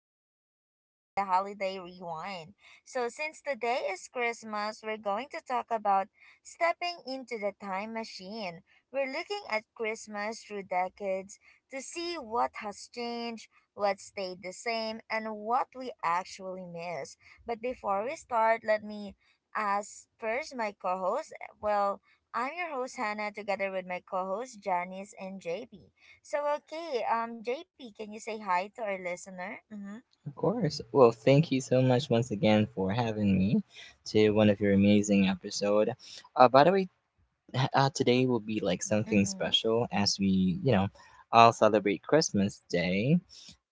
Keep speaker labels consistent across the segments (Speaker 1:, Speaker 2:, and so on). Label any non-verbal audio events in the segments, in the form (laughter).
Speaker 1: and welcome back to the Holiday Rewind. So, since today is Christmas, we're going to talk about stepping into the time machine. We're looking at Christmas through decades to see what has changed, what stayed the same, and what we actually miss. But before we start, let me ask first my co host. Well, I'm your host Hannah together with my co host Janice and JP. So okay, JP, can you say hi to our listener? Mm-hmm.
Speaker 2: Of course. Well, thank you so much once again for having me to one of your amazing episode. By the way, (laughs) today will be like something
Speaker 1: Mm-hmm.
Speaker 2: special as we, all celebrate Christmas Day.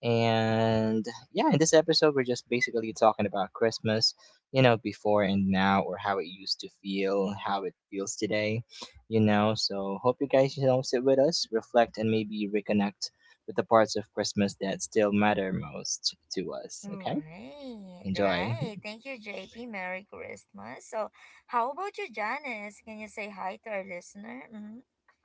Speaker 2: And yeah, in this episode, we're just basically talking about Christmas, you know, before and now, or how it used to feel, how it feels today, you know. So, hope you guys, you know, sit with us, reflect, and maybe reconnect with the parts of Christmas that still matter most to us. Okay?
Speaker 1: Right,
Speaker 2: Enjoy.
Speaker 1: right. Thank you, JP. Merry Christmas. So, how about you, Janice? Can you say hi to our listener? Mm-hmm.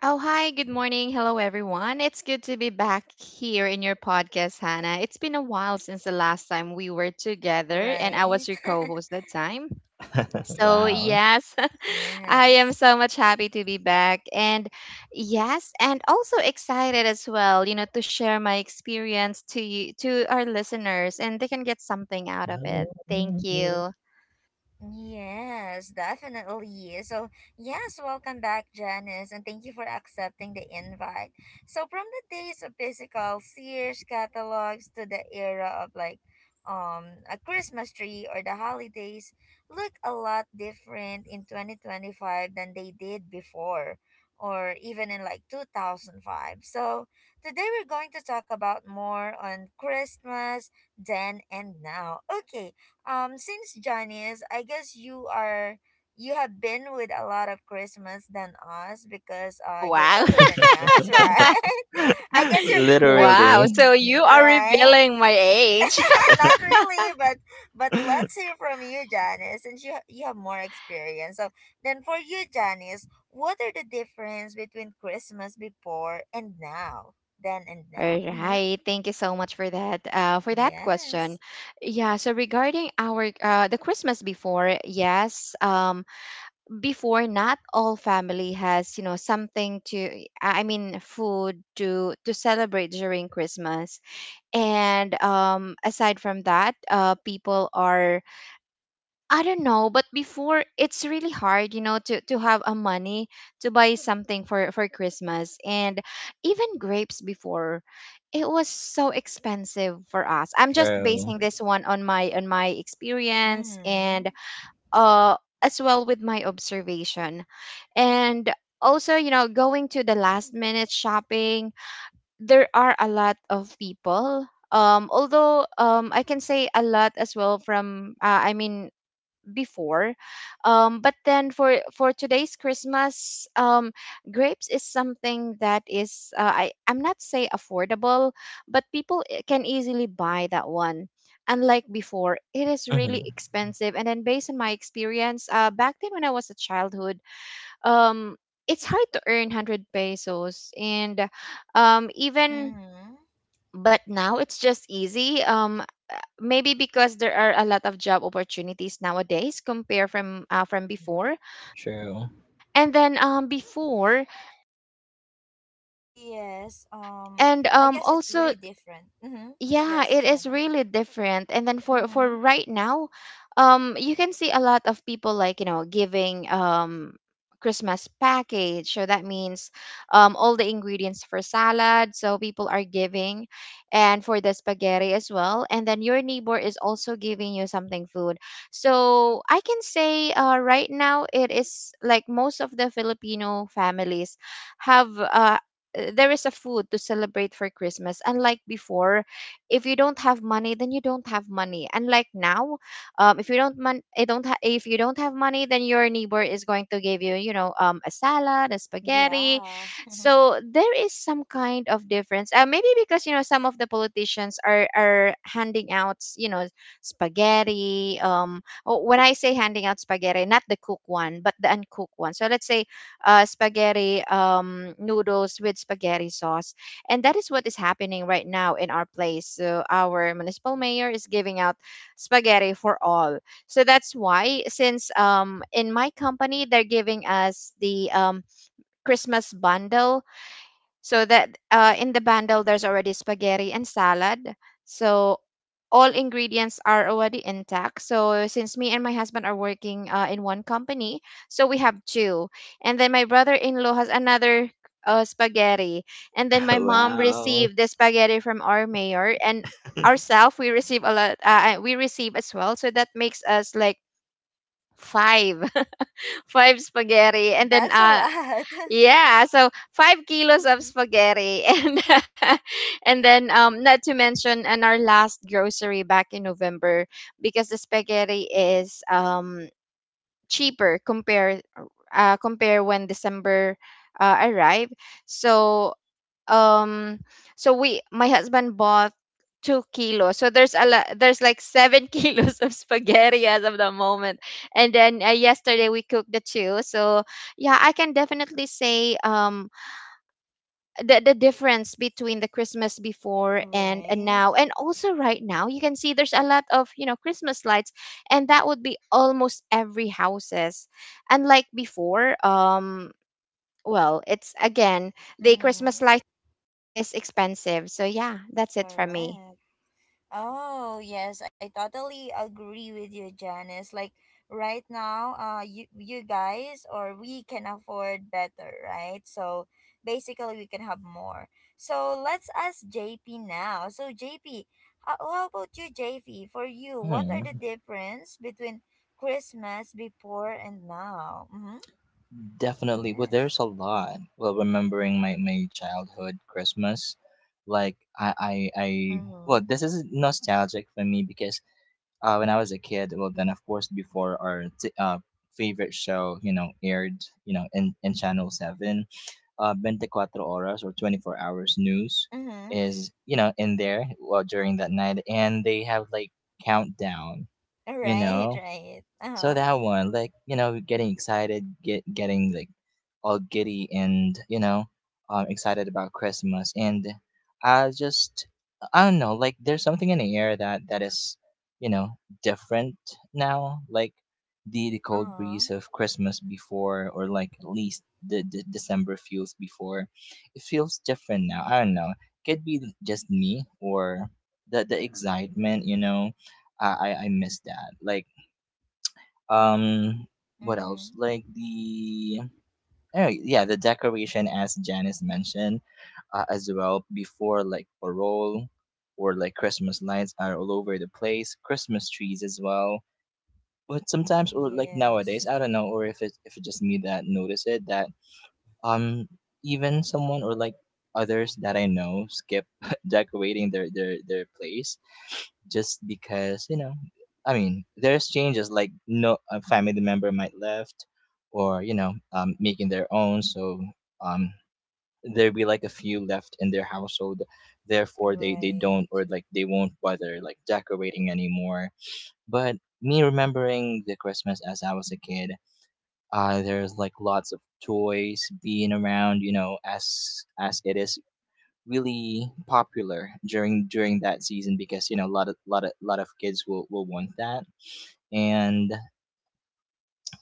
Speaker 3: Oh, hi. Good
Speaker 1: Yeah.
Speaker 3: morning. Hello, everyone. It's good to be back here in your podcast, Hannah. It's been a while since the last time we were together, and I
Speaker 1: Right.
Speaker 3: was your co host that time.
Speaker 2: (laughs)
Speaker 3: So,
Speaker 2: Wow.
Speaker 3: yes,
Speaker 1: (laughs)
Speaker 3: (laughs) I am
Speaker 1: Yes.
Speaker 3: so much happy to be back. And yes, and also excited as well, you know, to share my experience to you, to our listeners, and they can get something out of it. Thank you.
Speaker 1: Yes, definitely. So, yes, welcome back, Janice, and thank you for accepting the invite. So, from the days of physical Sears catalogs to the era of like a Christmas tree, or the holidays look a lot different in 2025 than they did before, or even in like 2005. So, today we're going to talk about more on Christmas then and now. Okay, since Janice, I guess you are you have been with a lot of Christmas than us because
Speaker 3: Oh,
Speaker 1: you're
Speaker 3: wow.
Speaker 1: older than
Speaker 3: (laughs)
Speaker 1: us, (laughs)
Speaker 2: (laughs)
Speaker 1: right? I guess you're are you,
Speaker 3: Wow,
Speaker 2: Literally.
Speaker 3: so you are
Speaker 1: right?
Speaker 3: revealing my
Speaker 1: (laughs)
Speaker 3: age. (laughs)
Speaker 1: Not really, but let's
Speaker 2: (laughs)
Speaker 1: hear from you, Janice, since you have more experience. So then for you, Janice, what are the difference between Christmas before and now? Then and
Speaker 3: All
Speaker 1: now. Mm-hmm.
Speaker 3: right. Thank you so much for that. For that question,
Speaker 1: Yes.
Speaker 3: yeah. So regarding our the Christmas before, yes. Before, not all family has, you know, something to. I mean, food to celebrate during Christmas. And aside from that, people are, I don't know, but before it's really hard, you know, to have a money to buy something for Christmas, and even grapes before, it was so expensive for us. I'm just
Speaker 2: True.
Speaker 3: basing this one on my experience and
Speaker 1: Mm-hmm.
Speaker 3: uh as well with my observation. And also, you know, going to the last minute shopping, there are a lot of people. Although I can say a lot as well from I mean before, but then for today's Christmas, grapes is something that is I'm not say affordable, but people can easily buy that one, unlike before it is really
Speaker 2: Mhm.
Speaker 3: expensive. And then based on my experience, back then when I was a childhood, um, it's hard to earn 100 pesos, and even
Speaker 1: Mm-hmm.
Speaker 3: but now it's just easy, maybe because there are a lot of job opportunities nowadays compared from before.
Speaker 2: True.
Speaker 3: And then before
Speaker 1: Yes,
Speaker 3: and
Speaker 1: I guess it's
Speaker 3: also,
Speaker 1: really different. Mm-hmm.
Speaker 3: yeah,
Speaker 1: Yes,
Speaker 3: it is
Speaker 1: Janice.
Speaker 3: really different. And then for
Speaker 1: Mm-hmm.
Speaker 3: right now, you can see a lot of people, like, you know, giving Christmas package. So that means all the ingredients for salad. So people are giving, and for the spaghetti as well. And then your neighbor is also giving you something food. So I can say right now it is like most of the Filipino families have there is a food to celebrate for Christmas, unlike before. If you don't have money, then you don't have money. And like now, if you don't man- eh, don't ha- if you don't have money, then your neighbor is going to give you, you know, a salad, a spaghetti.
Speaker 1: Yeah, (laughs)
Speaker 3: So there is some kind of difference, maybe because, you know, some of the politicians are handing out, you know, spaghetti. Oh, when I say handing out spaghetti, not the cooked one, but the uncooked one. So let's say, spaghetti, noodles with spaghetti sauce. And that is what is happening right now in our place. So our municipal mayor is giving out spaghetti for all. So that's why, since in my company they're giving us the Christmas bundle. So that in the bundle there's already spaghetti and salad. So all ingredients are already intact. So since me and my husband are working in one company, so we have two. And then my brother-in-law has another, spaghetti. And then
Speaker 2: (laughs)
Speaker 3: my mom
Speaker 2: Wow.
Speaker 3: received the spaghetti from our mayor. And ourselves, we receive a lot. We receive as well. So that makes us like five, (laughs) five spaghetti. And then
Speaker 1: that's a lot. (laughs)
Speaker 3: yeah, so 5 kilos of
Speaker 1: Mhm.
Speaker 3: spaghetti, (laughs) and then not to mention and our last grocery back in November, because the spaghetti is cheaper compare when December arrived. So, um we, my husband bought 2 kilos. So there's a lot, there's like seven (laughs) kilos of spaghetti as of the moment. And then yesterday we cooked the two. So, yeah, I can definitely say, the difference between the Christmas before and
Speaker 1: Right.
Speaker 3: now. And also right now you can see there's a lot of, you know, Christmas lights, and that would be almost every houses, unlike before. Well, it's again, the Christmas
Speaker 1: Mm-hmm.
Speaker 3: light is expensive. So yeah, that's it for me.
Speaker 1: Correct. Oh, yes, I totally agree with you, Janice. Like right now, you guys or we can afford better, right? So basically we can have more. So let's ask JP now. So JP, how about you, JP? For you, what are
Speaker 2: Hmm.
Speaker 1: the difference between Christmas before and now? Mhm.
Speaker 2: Definitely. Well,
Speaker 1: Yes.
Speaker 2: there's a lot. Well, remembering my childhood Christmas, like I well,
Speaker 1: Mhm.
Speaker 2: this is nostalgic for me because when I was a kid, well, then of course before our t- favorite show, you know, aired, you know, in Channel Seven, 24 horas or 24 hours news
Speaker 1: Mhm. (laughs)
Speaker 2: is you know in there well during that night, and they have like countdown, you
Speaker 1: Right,
Speaker 2: know,
Speaker 1: right. Uh-huh.
Speaker 2: so that one like you know getting excited getting like all giddy and you know excited about Christmas. And I just, I don't know, like there's something in the air that is, you know, different now, like the cold
Speaker 1: Uh-huh.
Speaker 2: breeze of Christmas before, or like at least the December feels before, it feels different now. I don't know, could be just me, or the excitement, you know, I miss that. Like um what else,
Speaker 1: Mhm.
Speaker 2: like the oh yeah the decoration, as Janice mentioned, as well before, like parole or like Christmas lights are all over the place, Christmas trees as well. But sometimes or like nowadays
Speaker 1: Yes.
Speaker 2: I don't know, or if it's just me that notice it, that um even someone or like others that I know skip (laughs) decorating their their place just because, you know, I mean there's changes like no a family member might left, or you know making their own. So um there be like a few left in their household, therefore they don't,
Speaker 1: Right.
Speaker 2: or like they won't bother like decorating anymore. But me remembering the Christmas as I was a kid, there's like lots of toys being around, you know, as it is really popular during that season, because you know a lot of lot of kids will want that. And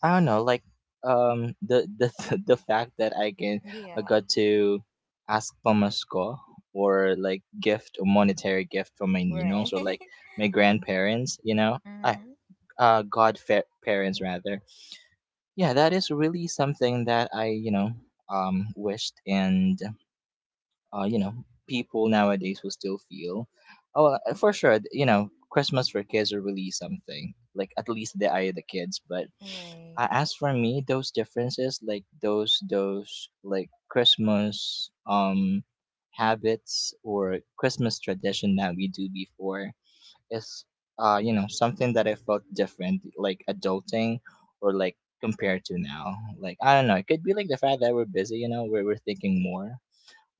Speaker 2: I don't know, like the (laughs) the fact that I can, I
Speaker 1: Yeah.
Speaker 2: got to ask pamasko, or like gift or monetary gift from my
Speaker 1: Right.
Speaker 2: ninos, or like
Speaker 1: (laughs)
Speaker 2: my grandparents, you know, I
Speaker 1: Mm-hmm.
Speaker 2: godfa- parents rather, yeah, that is really something that I, you know, wished and, you know, people nowadays will still feel. Oh, for sure, you know, Christmas for kids are really something. Like at least the eye of the kids. But
Speaker 1: Right.
Speaker 2: as for me, those differences, like those like Christmas habits or Christmas tradition that we do before is uh, you know, something that I felt different, like adulting, or like compared to now. Like I don't know, it could be like the fact that we're busy, you know, where we're thinking more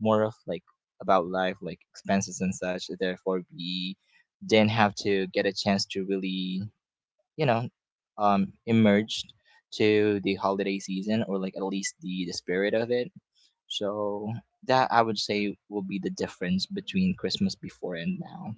Speaker 2: more of like about life, like expenses and such. Therefore, we didn't have to get a chance to really, you know, immersed to the holiday season, or like at least the spirit of it. So that I would say will be the difference between Christmas before and now,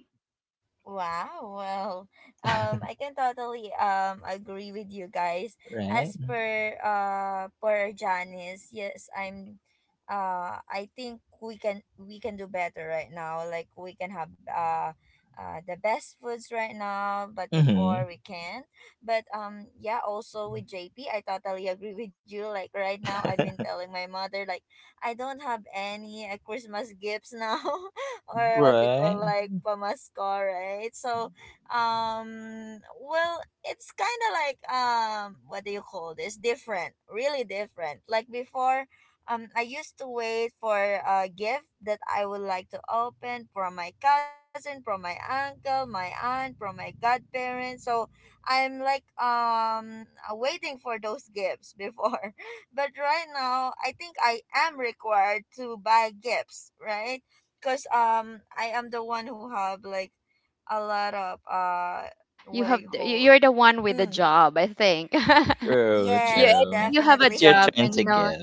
Speaker 1: Wow. Well,
Speaker 2: (laughs)
Speaker 1: I can totally agree with you guys.
Speaker 2: right?
Speaker 1: As per Janice, yes, I'm. I think we can do better right now. Like we can have the best foods right now, but
Speaker 2: Mm-hmm.
Speaker 1: before we can. But yeah. Also with JP, I totally agree with you. Like right now, I've been telling my mother like I don't have any Christmas gifts now (laughs) (laughs) or what we call
Speaker 2: Right?
Speaker 1: like pamasko, right? So, well, it's kind of like what do you call this? Different, really different. Like before, I used to wait for a gift that I would like to open from my cousin, from my uncle, my aunt, from my godparents. So I'm like waiting for those gifts before, (laughs) but right now I think I am required to buy gifts, right? Because I am the one who have like a lot of
Speaker 3: You
Speaker 1: what do
Speaker 3: have
Speaker 1: you call,
Speaker 3: you're the one with the
Speaker 1: mm,
Speaker 3: job, I think. (laughs)
Speaker 2: True,
Speaker 3: you
Speaker 1: yes
Speaker 2: true.
Speaker 3: you have a
Speaker 2: It's your
Speaker 3: job
Speaker 1: definitely.
Speaker 2: turn
Speaker 3: and
Speaker 2: to
Speaker 3: you
Speaker 1: (laughs)
Speaker 3: know
Speaker 2: give.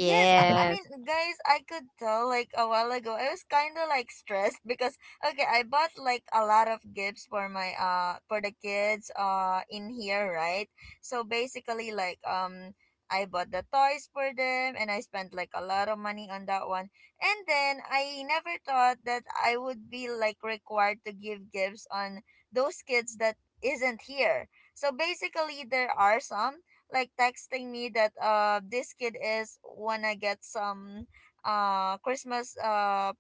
Speaker 1: Yes, I mean, guys, I could tell like a while ago. I was kind of like stressed because okay, I bought like a lot of gifts for my for the kids in here, right? So basically, I bought the toys for them, and I spent like a lot of money on that one. And then I never thought that I would be like required to give gifts on those kids that isn't here. So basically, there are some like texting me that this kid is wanna get some uh Christmas uh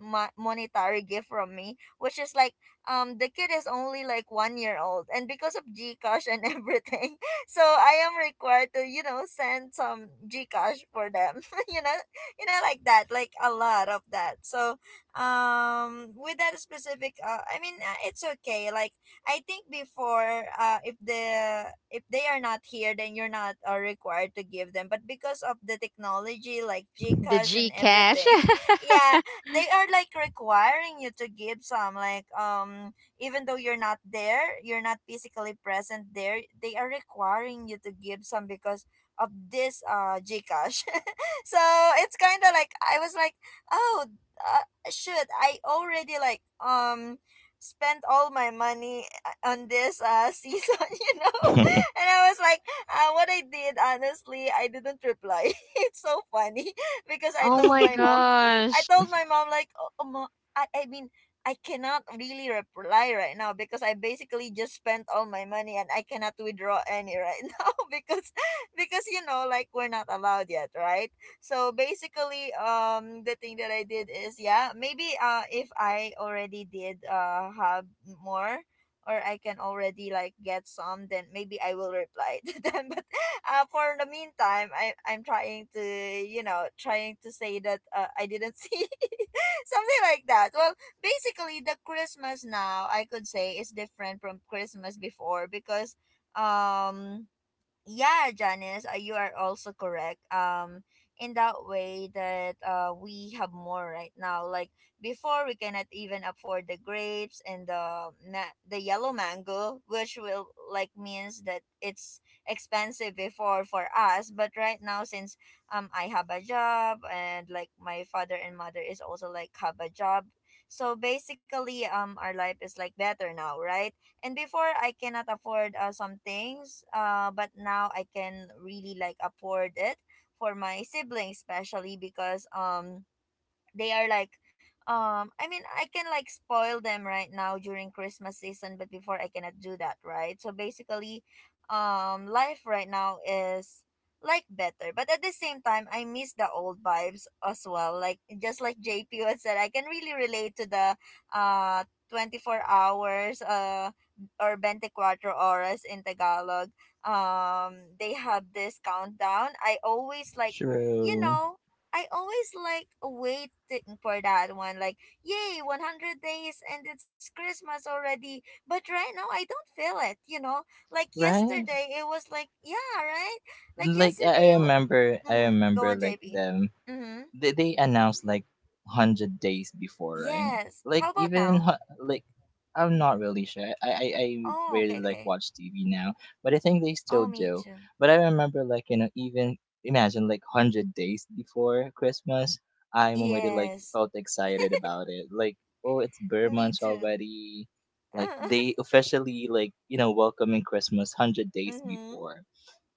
Speaker 1: monetary gift from me, which is like the kid is only like 1 year old, and because of GCash and (laughs) everything, so I am required to, you know, send some GCash for them. (laughs) You know, you know, like that, like a lot of that. So with that specific it's okay. Like I think before if the if they are not here, then you're not required to give them, but because of the technology like
Speaker 3: the
Speaker 1: GCash and
Speaker 3: G cash.
Speaker 1: everything. (laughs) Yeah,
Speaker 3: (laughs)
Speaker 1: they are like requiring you to give some like even though you're not there, you're not physically present there, they are requiring you to give some because of this GCash. (laughs) So it's kind of like I was like, oh, uh, shoot, I already spent all my money on this (laughs) season, you know. (laughs)
Speaker 2: (laughs)
Speaker 1: And I was like, what I did honestly, I didn't reply. (laughs) It's so funny. (laughs) Because I
Speaker 3: Oh
Speaker 1: told
Speaker 3: my
Speaker 1: my mom, I
Speaker 3: gosh.
Speaker 1: told my mom like, oh, oh, ma, I mean, I cannot really reply right now because I basically just spent all my money and I cannot withdraw any right (laughs) now because you know like we're not allowed yet, right? So basically, the thing that I did is yeah, maybe if I already did have more, or I can already like get some, then maybe I will reply (laughs) to them. But (laughs) for the meantime, I'm trying to, you know, trying to say that I didn't see (laughs) something like that. Well, basically, the Christmas now I could say is different from Christmas before, because um yeah Janice, you are also correct, in that way that we have more right now. Like before we cannot even afford the grapes and the yellow mango, which will like means that it's expensive before for us, but right now since I have a job and like my father and mother is also like have a job, so basically our life is like better now, right? And before I cannot afford some things, but now I can really like afford it for my siblings, especially because they are like I mean I can like spoil them right now during Christmas season, but before I cannot do that right? So basically life right now is like better, but at the same time I miss the old vibes as well. Like just like JP had said, I can really relate to the uh 24 hours or 24 horas in Tagalog. They have this countdown. I always like, you
Speaker 2: True.
Speaker 1: know, I always like waiting for that one. Like, yay, 100 days and it's Christmas already. But right now, I don't feel it, you know? Like,
Speaker 2: Right?
Speaker 1: yesterday, it was like, yeah, right? Like,
Speaker 2: Like I
Speaker 1: yesterday,
Speaker 2: I remember I
Speaker 1: go
Speaker 2: remember
Speaker 1: on,
Speaker 2: like
Speaker 1: JP.
Speaker 2: them,
Speaker 1: Mm-hmm.
Speaker 2: they announced like 100 days before, right?
Speaker 1: Yes.
Speaker 2: Like
Speaker 1: How about
Speaker 2: even
Speaker 1: now?
Speaker 2: hu- like I'm not really sure. I
Speaker 1: Oh,
Speaker 2: rarely
Speaker 1: okay,
Speaker 2: like
Speaker 1: okay.
Speaker 2: watch TV now, but I think they still
Speaker 1: Oh, me
Speaker 2: do.
Speaker 1: too.
Speaker 2: But I remember, like, you know, even imagine like 100 days before Christmas, I'm already like
Speaker 1: Yes.
Speaker 2: felt excited about it, like oh it's bear
Speaker 1: Me
Speaker 2: month
Speaker 1: too.
Speaker 2: already. Like they
Speaker 1: (laughs)
Speaker 2: officially like, you know, welcoming Christmas 100 days
Speaker 1: Mm-hmm.
Speaker 2: before.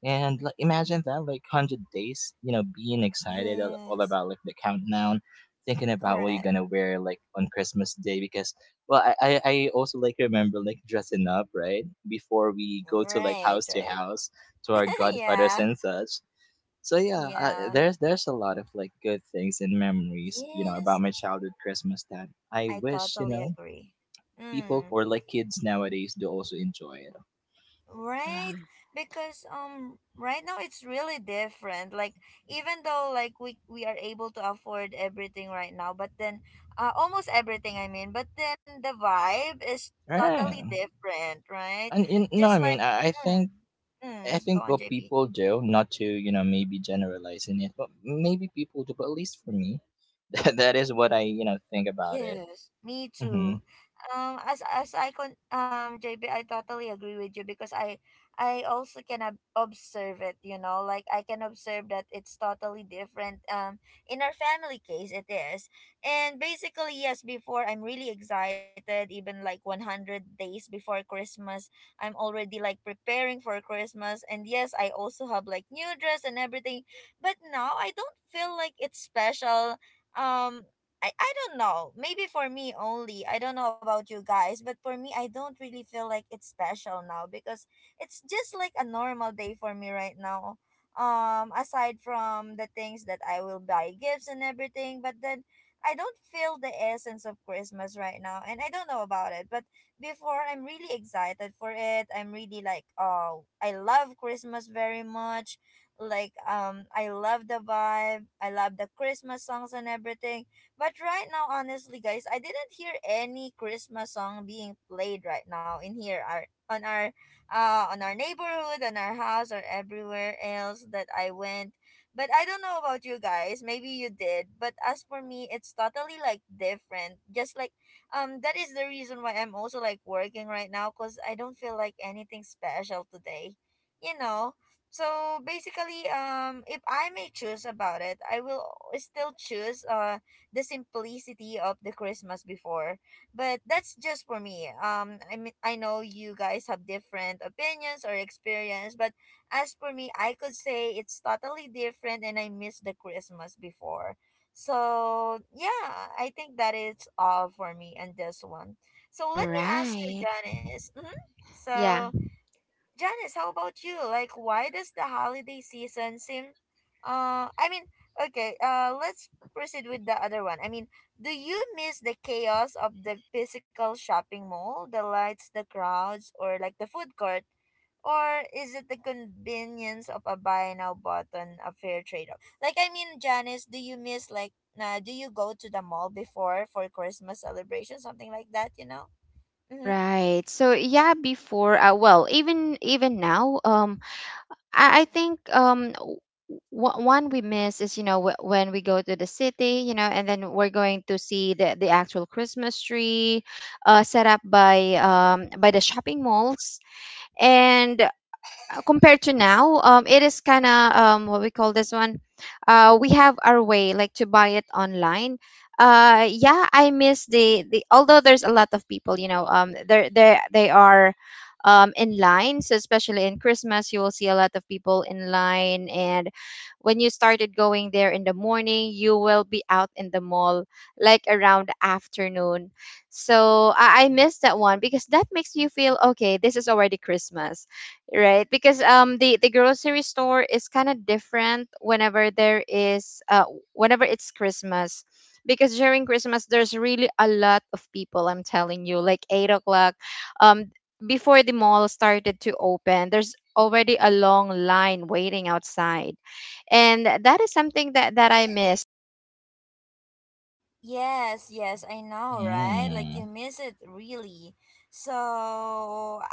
Speaker 2: And like, imagine that, like, 100 days, you know, being excited all
Speaker 1: Yes.
Speaker 2: about, like, the countdown, thinking about what you're
Speaker 1: Correct.
Speaker 2: gonna wear, like, on Christmas Day. Because, well, I also, like, remember, like, dressing up, right? Before we go to, like,
Speaker 1: Right,
Speaker 2: house to
Speaker 1: right.
Speaker 2: house to our
Speaker 1: (laughs)
Speaker 2: godfathers
Speaker 1: Yeah.
Speaker 2: and such. So, yeah, I,
Speaker 1: Yeah.
Speaker 2: there's a lot of, like, good things and memories, you know, about
Speaker 1: Yes.
Speaker 2: my childhood Christmas that I
Speaker 1: I
Speaker 2: wish, you
Speaker 1: totally
Speaker 2: know,
Speaker 1: agree.
Speaker 2: people
Speaker 1: Mm,
Speaker 2: or, like, kids nowadays do also enjoy it.
Speaker 1: right?
Speaker 3: Right.
Speaker 1: Because right now it's really different. Like, even though like we are able to afford everything right now, but then almost everything I mean, but then the vibe is totally
Speaker 2: Right.
Speaker 1: different, right?
Speaker 2: And you know,
Speaker 1: Just
Speaker 2: I
Speaker 1: like
Speaker 2: mean,
Speaker 1: mm,
Speaker 2: I
Speaker 1: go
Speaker 2: think
Speaker 1: on
Speaker 2: what
Speaker 1: JP.
Speaker 2: people do, not to, you know, maybe generalizing it, but maybe people do, but at least for me, (laughs) that, that is what I, you know, think about it.
Speaker 1: Yes, me
Speaker 2: Mm-hmm.
Speaker 1: too. As I con JB, I totally agree with you because I also can ob observe it. You know, like I can observe that it's totally different. In our family case, it is, and basically yes. Before I'm really excited, even like 100 days before Christmas, I'm already like preparing for Christmas, and yes, I also have like new dress and everything. But now I don't feel like it's special. um I don't know. Maybe for me only. I don't know about you guys, but for me, I don't really feel like it's special now because it's just like a normal day for me right now. Aside from the things that I will buy gifts and everything, but then I don't feel the essence of Christmas right now, and I don't know about it. But before, I'm really excited for it. I'm really like, oh, I love Christmas very much. Like, I love the vibe. I love the Christmas songs and everything, but right now, honestly, guys, I didn't hear any Christmas song being played right now in on our neighborhood, on our house, or everywhere else that I went. But I don't know about you guys. Maybe you did. But as for me, it's totally like different. Just like that is the reason why I'm also like working right now, cuz I don't feel like anything special today. You know. So basically if I may choose about it, I will still choose the simplicity of the Christmas before. But that's just for me. I mean, I know you guys have different opinions or experience, but as for me, I could say it's totally different, and I miss the Christmas before. So yeah, I think that is all for me on this one. So let me ask you,
Speaker 3: Right.
Speaker 1: Janice. Hmm.
Speaker 3: Yeah.
Speaker 1: So Janice, how about you? Like, why does the holiday season seem? Uh, I mean, okay. Let's proceed with the other one. Do you miss the chaos of the physical shopping mall, the lights, the crowds, or like the food court? Or is it the convenience of a buy now button, a fair trade off? Janice, do you miss like do you go to the mall before for Christmas celebration, something like that? You know. Mm-hmm.
Speaker 3: Right. So yeah, before, well, even even now, I think one we miss is, you know, when we go to the city, you know, and then we're going to see the actual Christmas tree set up by the shopping malls. And compared to now, it is kind of, what we call this one. We have our way, like, to buy it online. Yeah, I miss the the. Although there's a lot of people, you know, they they are, in line. So especially in Christmas, you will see a lot of people in line. And when you started going there in the morning, you will be out in the mall like around afternoon. So I miss that one because that makes you feel okay. This is already Christmas, right? Because the grocery store is kind of different whenever there is whenever it's Christmas. Because during Christmas there's really a lot of people. I'm telling you, like, 8 o'clock, um before the mall started to open, there's already a long line waiting outside. And that is something that that I miss.
Speaker 1: Yes, yes, I know, right? Like
Speaker 2: Mm,
Speaker 1: you miss it really. So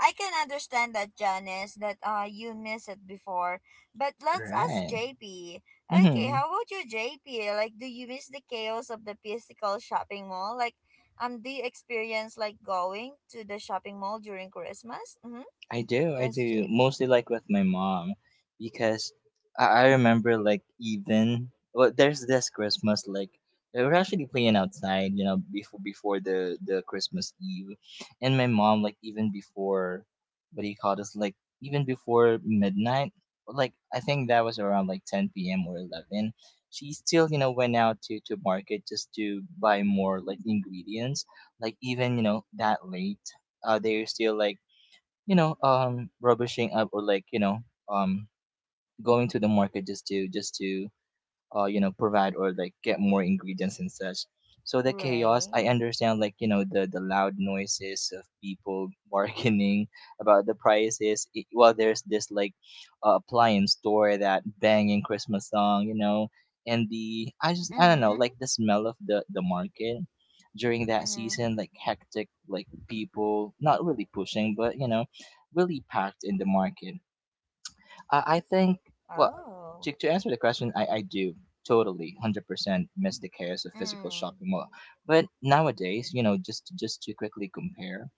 Speaker 1: I can understand that, Janice, that you miss it before. But let's ask
Speaker 2: right.
Speaker 1: JP. Okay, how
Speaker 2: Mm-hmm.
Speaker 1: about you, JP? Like, do you miss the chaos of the physical shopping mall? Like, do you experience like going to the shopping mall during Christmas? Mm-hmm.
Speaker 2: I do, I
Speaker 1: Yes,
Speaker 2: do.
Speaker 1: JP.
Speaker 2: Mostly like with my mom because I remember like even well there's this Christmas like we were actually playing outside, you know, before the Christmas Eve. And my mom like even before what do you call this? Like even before midnight, like I think that was around like 10 p.m. or 11. She still, you know, went out to market just to buy more like ingredients. Like even, you know, that late they're still like you know, rubbishing up, or like you know um going to to. The market just to you know, provide or like get more ingredients and such. So the chaos, I
Speaker 1: Right.
Speaker 2: understand, like you know, the loud noises of people (laughs) bargaining about the prices. It, well, there's this like appliance store that banging Christmas song, you know, and the I just I don't know,
Speaker 1: Mm-hmm.
Speaker 2: like the smell of the market during that
Speaker 1: Mm-hmm.
Speaker 2: season, like hectic, like people not really pushing, but you know, really packed in the market. I think, well,
Speaker 1: Oh.
Speaker 2: to answer the question, I do totally 100% miss the chaos of physical
Speaker 1: Mm.
Speaker 2: shopping mall. But nowadays, you know, just to quickly compare,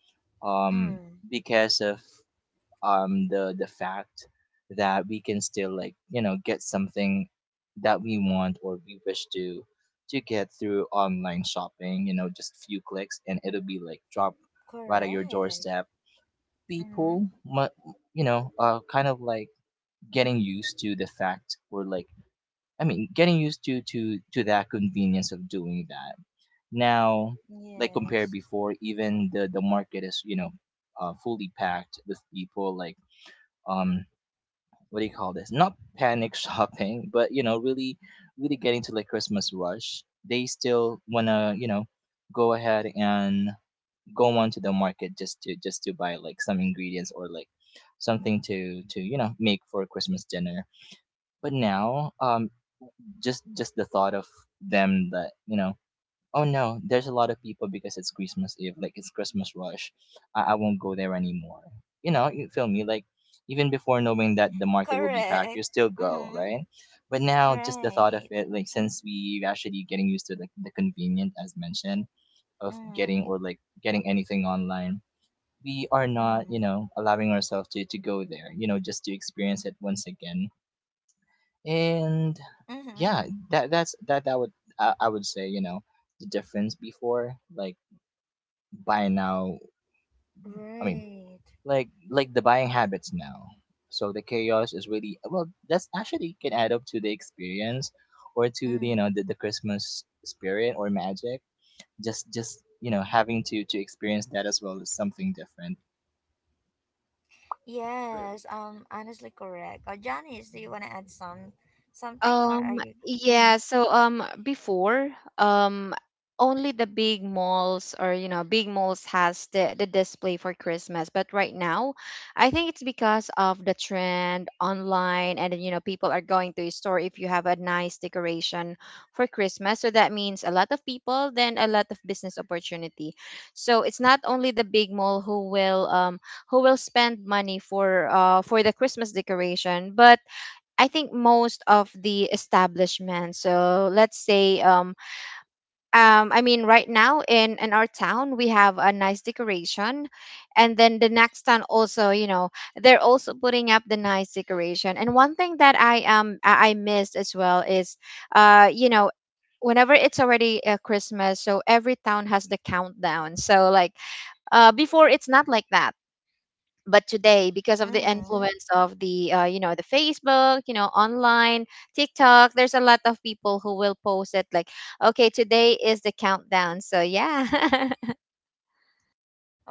Speaker 2: um,
Speaker 1: Mm.
Speaker 2: because of the fact that we can still like you know get something that we want or we wish to get through online shopping, you know, just few clicks and it'll be like drop right at your
Speaker 1: Correct.
Speaker 2: doorstep.
Speaker 1: Mhm.
Speaker 2: People, you know, kind of like getting used to the fact, or like I mean getting used to to that convenience of doing that. Now, like compared
Speaker 1: Yes.
Speaker 2: before, even the market is you know fully packed with people like um what do you call this? Not panic (laughs) shopping, but you know really getting to like Christmas rush. They still wanna you know go ahead and go on to the market just to buy like some ingredients, or like something to you know make for Christmas dinner but now, just the thought of them that you know, oh no, there's a lot of people because it's Christmas Eve, like it's Christmas rush. I won't go there anymore. You know, you feel me? Like even before knowing that the market will be packed, you
Speaker 1: Correct.
Speaker 2: still go,
Speaker 1: Mm-hmm.
Speaker 2: right? But now, just the thought of
Speaker 1: Right.
Speaker 2: it, like since we actually getting used to the convenient as mentioned of getting, or
Speaker 1: Mm-hmm.
Speaker 2: like getting anything online, we are not you
Speaker 1: Mm-hmm.
Speaker 2: know allowing ourselves to go there you know just to experience it once again, and
Speaker 1: Mm-hmm.
Speaker 2: yeah that that's that would I would say you know the difference before like by now, I mean
Speaker 1: Right.
Speaker 2: like the buying habits now, so the chaos is really well that's actually can add up to the experience or to the you
Speaker 1: Mm-hmm.
Speaker 2: know the Christmas spirit or magic, just you know having to experience that as well is something different.
Speaker 1: Yes. Honestly, correct. Janice, do you want to add something, or
Speaker 3: Um,
Speaker 1: are you?
Speaker 3: yeah,
Speaker 1: Mm-hmm.
Speaker 3: so before, um only the big malls, or, you know, big malls has the display for Christmas. But right now, I think it's because of the trend online, and then, you know, people are going to a store if you have a nice decoration for Christmas. So that means a lot of people, then a lot of business opportunity. So it's not only the big mall who will spend money for the Christmas decoration, but I think most of the establishments. So let's say, I mean, right now in our town we have a nice decoration, and then the next town also, you know, they're also putting up the nice decoration. And one thing that I I missed as well is, you know. Whenever it's already Christmas, so every town has the countdown. So, like, before it's not like that, but today because of the
Speaker 1: Mm-hmm.
Speaker 3: influence of the you know, the Facebook, you know, online, TikTok, there's a lot of people who will post it like, okay, today is the countdown. So yeah. (laughs)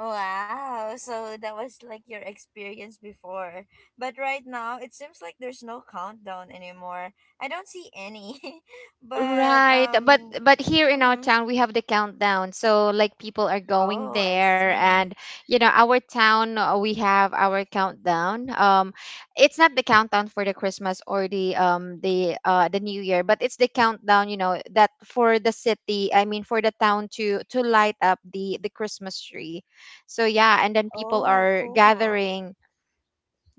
Speaker 1: Wow. So that was like your experience before, but right now it seems like there's no countdown anymore. I don't see any, (laughs) but
Speaker 3: Right,
Speaker 1: um.
Speaker 3: but here in our
Speaker 1: Mm-hmm.
Speaker 3: town we have the countdown. So like people are going
Speaker 1: Oh, I
Speaker 3: there and
Speaker 1: see.
Speaker 3: you know our town, we have our countdown. It's not the countdown for the Christmas or the New Year, but it's the countdown, you know, that for the city, I mean for the town to light up the Christmas tree. So yeah, and then people
Speaker 1: Oh,
Speaker 3: are
Speaker 1: cool.
Speaker 3: gathering.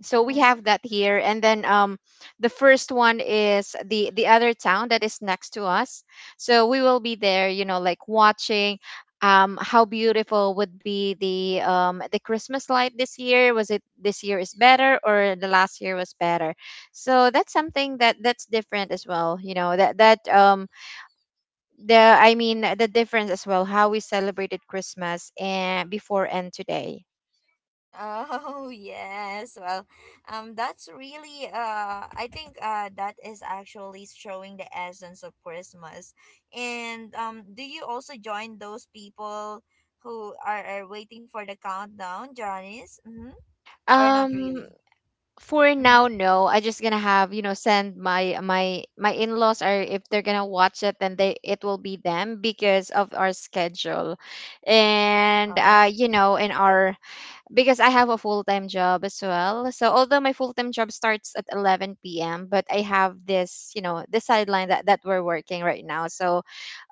Speaker 3: So we
Speaker 1: Mm-hmm.
Speaker 3: have that here, and then the first one is the other town that is next to us. So we will be there, you know, like watching how beautiful would be the Christmas light this year. Was it this year is better or the last year was better? So that's something that that's different as well, you know, that that the I mean the difference as well how we celebrated Christmas and before and today.
Speaker 1: Oh, (laughs) yes. Well, that's really I think that is actually showing the essence of Christmas. And do you also join those people who are waiting for the countdown, Johnny's? Mm-hmm. Or not really?
Speaker 3: Um, for now,
Speaker 1: Mm-hmm.
Speaker 3: no, I just gonna have, you know, send my my in-laws are, if they're gonna watch it, then they it will be them because of our schedule. And
Speaker 1: Oh,
Speaker 3: you know, in
Speaker 1: yeah.
Speaker 3: our, because I have a full-time job as well. So although my full-time job starts at 11 p.m. but I have this, you know, this sideline that that we're working right now. So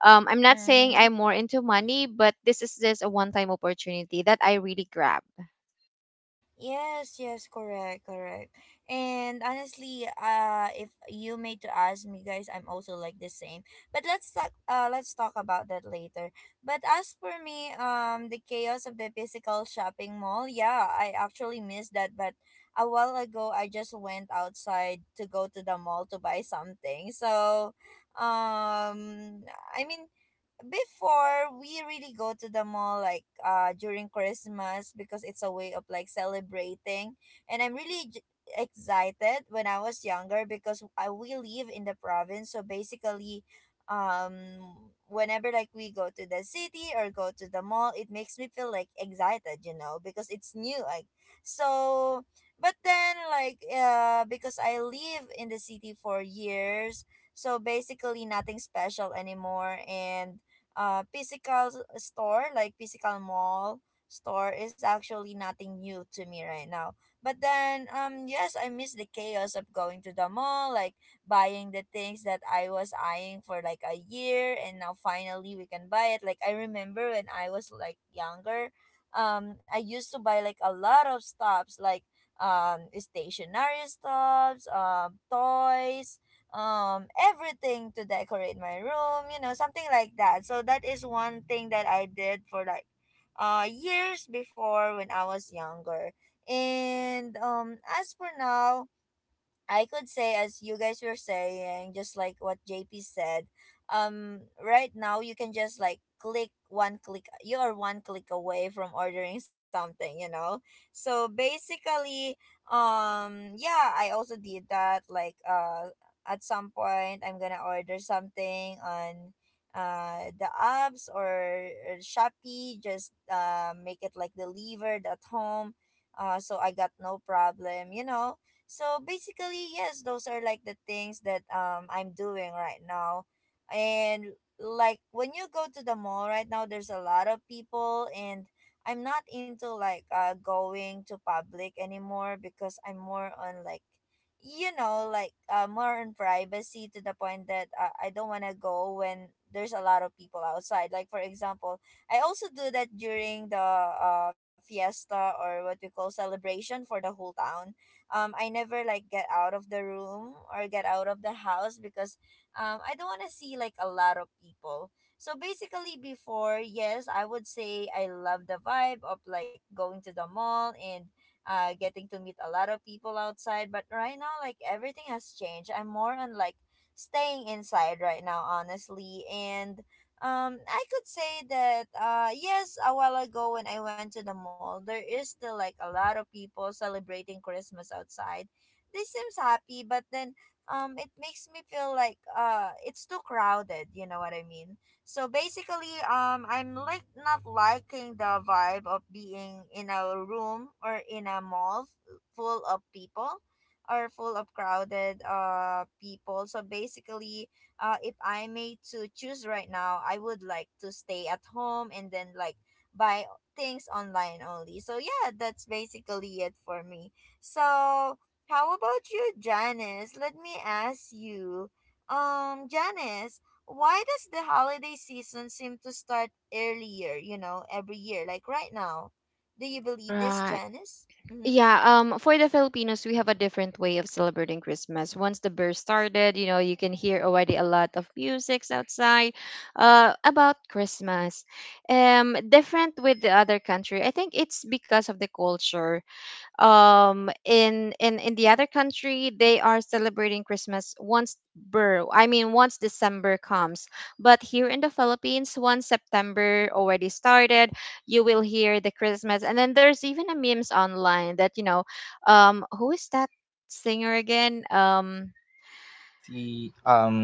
Speaker 3: I'm not saying
Speaker 1: Mm-hmm.
Speaker 3: I'm more into money, but this is just a one-time opportunity that I really grab.
Speaker 1: Yes, yes, correct, correct. And honestly, if you made to ask me guys, I'm also like the same. But let's talk about that later. But as for me, the chaos of the physical shopping mall, yeah, I actually missed that, but a while ago I just went outside to go to the mall to buy something. So, um I mean, before we really go to the mall like during Christmas, because it's a way of like celebrating, and excited when I was younger, because I we live in the province. So basically, um whenever like we go to the city or go to the mall, it makes me feel like excited, you know, because it's new. Like, so, but then like because I live in the city for years, so basically nothing special anymore. And store, like physical mall store, is actually nothing new to me right now. But then yes, I miss the chaos of going to the mall, like buying the things that I was eyeing for like a year, and now finally we can buy it. Like, I remember when I was like younger, I used to buy like a lot of stuffs, like stationary stuffs, toys, everything to decorate my room, you know, something like that. So that is one thing that I did for like years before when I was younger. And as for now, I could say, as you guys were saying, just like what JP said, right now you can just like click one click, you are one click away from ordering something, you know? So basically, yeah, I also did that. Like, at some point, I'm gonna order something on the apps or Shopee, just make it like delivered at home. So I got no problem, you know. So basically, yes, those are like the things that I'm doing right now. And like when you go to the mall right now, there's a lot of people, and I'm not into like going to public anymore, because I'm more on like, you know, like more on privacy, to the point that I don't want to go when there's a lot of people outside. Like, for example, I also do that during the fiesta or what we call celebration for the whole town. I never like get out of the room or get out of the house because I don't want to see like a lot of people. So basically, before, yes, I would say I love the vibe of like going to the mall and getting to meet a lot of people outside. But right now, like, everything has changed. I'm more on like staying inside right now, honestly. And I could say that yes, a while ago when I went to the mall, there is still like a lot of people celebrating Christmas outside. They seems happy, but then it makes me feel like it's too crowded, you know what I mean? So basically, I'm like not liking the vibe of being in a room or in a mall full of people or full of crowded people. So basically if I may to choose right now, I would like to stay at home and then like buy things online only. So yeah, that's basically it for me. So how about you, Janice? Let me ask you, Janice, why does the holiday season seem to start earlier? You know, every year, like right now. Do you believe this,
Speaker 3: Right.
Speaker 1: Janice? Mm-hmm.
Speaker 3: Yeah, for the Filipinos, we have a different way of celebrating Christmas. Once the birth started, you know, you can hear already a lot of musics outside, about Christmas. Different with the other country. I think it's because of the culture in the other country. They are celebrating Christmas once bur I mean once December comes, but here in the Philippines, once September already started, you will hear the Christmas. And then there's even a memes online that who is that singer again?
Speaker 2: The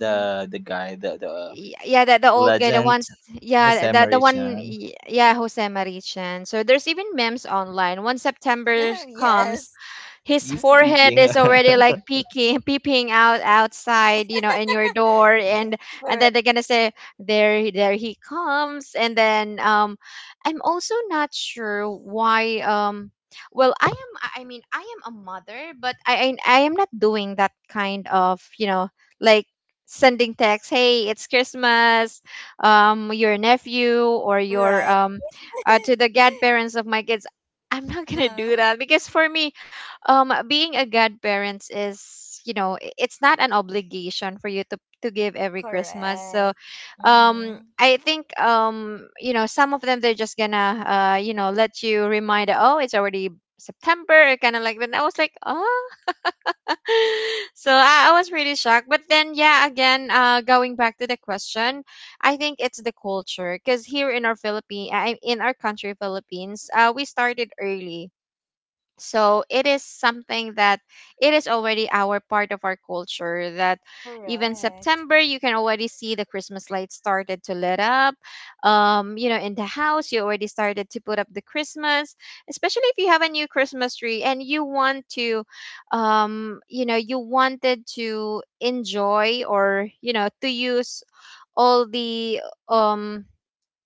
Speaker 2: the the guy, the
Speaker 3: Yeah, that the old guy, the
Speaker 2: legend,
Speaker 3: ones. Yeah,
Speaker 2: Jose
Speaker 3: that the
Speaker 2: Marie
Speaker 3: one,
Speaker 2: Chan.
Speaker 3: yeah, Jose Marichan. So there's even memes online once September
Speaker 1: Mm-hmm. (laughs)
Speaker 3: comes,
Speaker 1: yes.
Speaker 3: his
Speaker 2: He's
Speaker 1: Mm-hmm.
Speaker 3: forehead
Speaker 2: speaking.
Speaker 3: is
Speaker 2: (laughs)
Speaker 3: already like peeking (laughs) peeping out outside, you know, in your door.
Speaker 1: Yeah.
Speaker 3: And then
Speaker 1: Correct.
Speaker 3: they're gonna say, there he comes. And then I'm also not sure why. Well, I mean, I am a mother, but I am not doing that kind of, you know, like sending text, hey, it's Christmas, your nephew or your
Speaker 1: Right.
Speaker 3: to the godparents of my kids. I'm
Speaker 1: (laughs)
Speaker 3: not gonna
Speaker 1: uh-huh.
Speaker 3: do that, because for me, being a godparents is, you know, it's not an obligation for you to give every Christmas. So
Speaker 1: Correct. Mm-hmm.
Speaker 3: I think, you know, some of them, they're just gonna you know, let you remind, oh, it's already September, kind of like that. And I was like, oh. (laughs) So I was really shocked, but then yeah, again, going back to the question, I think it's the culture, because here in our philippine in our country Philippines, we started early. So it is something that it is already our part of our culture, that even
Speaker 1: Correct.
Speaker 3: September, you can already see the Christmas lights started to lit up you know, in the house. You already started to put up the Christmas, especially if you have a new Christmas tree and you want to, you know, you wanted to enjoy or, you know, to use all the um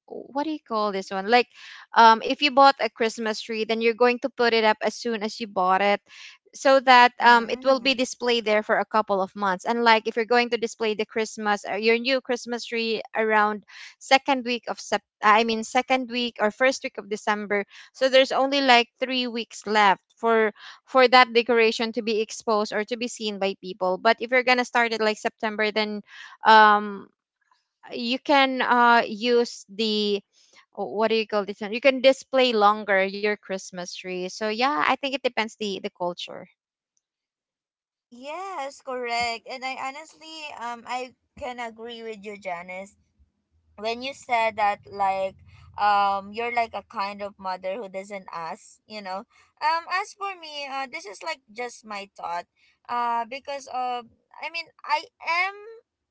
Speaker 3: what do you call this one? Like, if you bought a Christmas tree, then you're going to put it up as soon as you bought it, so that it will be
Speaker 1: Mm.
Speaker 3: displayed there for a couple of months. And like, if you're going to display the Christmas, your new Christmas tree around second week or first week of December, so there's only like 3 weeks left for that decoration to be exposed or to be seen by people. But if you're gonna start it like September, then um you can use the what do you call this one? You can display longer your Christmas tree. So yeah, I think it depends the culture.
Speaker 1: Yes, correct. And I honestly, I can agree with you, Janice, when you said that like you're like a kind of mother who doesn't ask, you know. As for me, this is like just my thought, because of I mean I am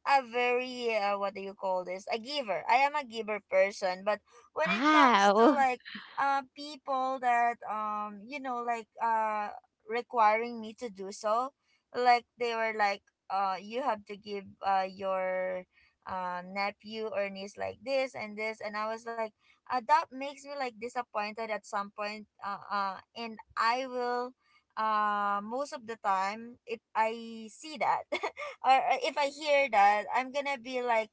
Speaker 1: a very what do you call this a giver. I am a giver person, but when it comes to
Speaker 3: Wow.
Speaker 1: like people that requiring me to do so, like they were like, you have to give your nephew or niece like this and this, and I was like, that makes me like disappointed at some point. And I will, most of the time if I see that (laughs) or if I hear that, I'm gonna be like,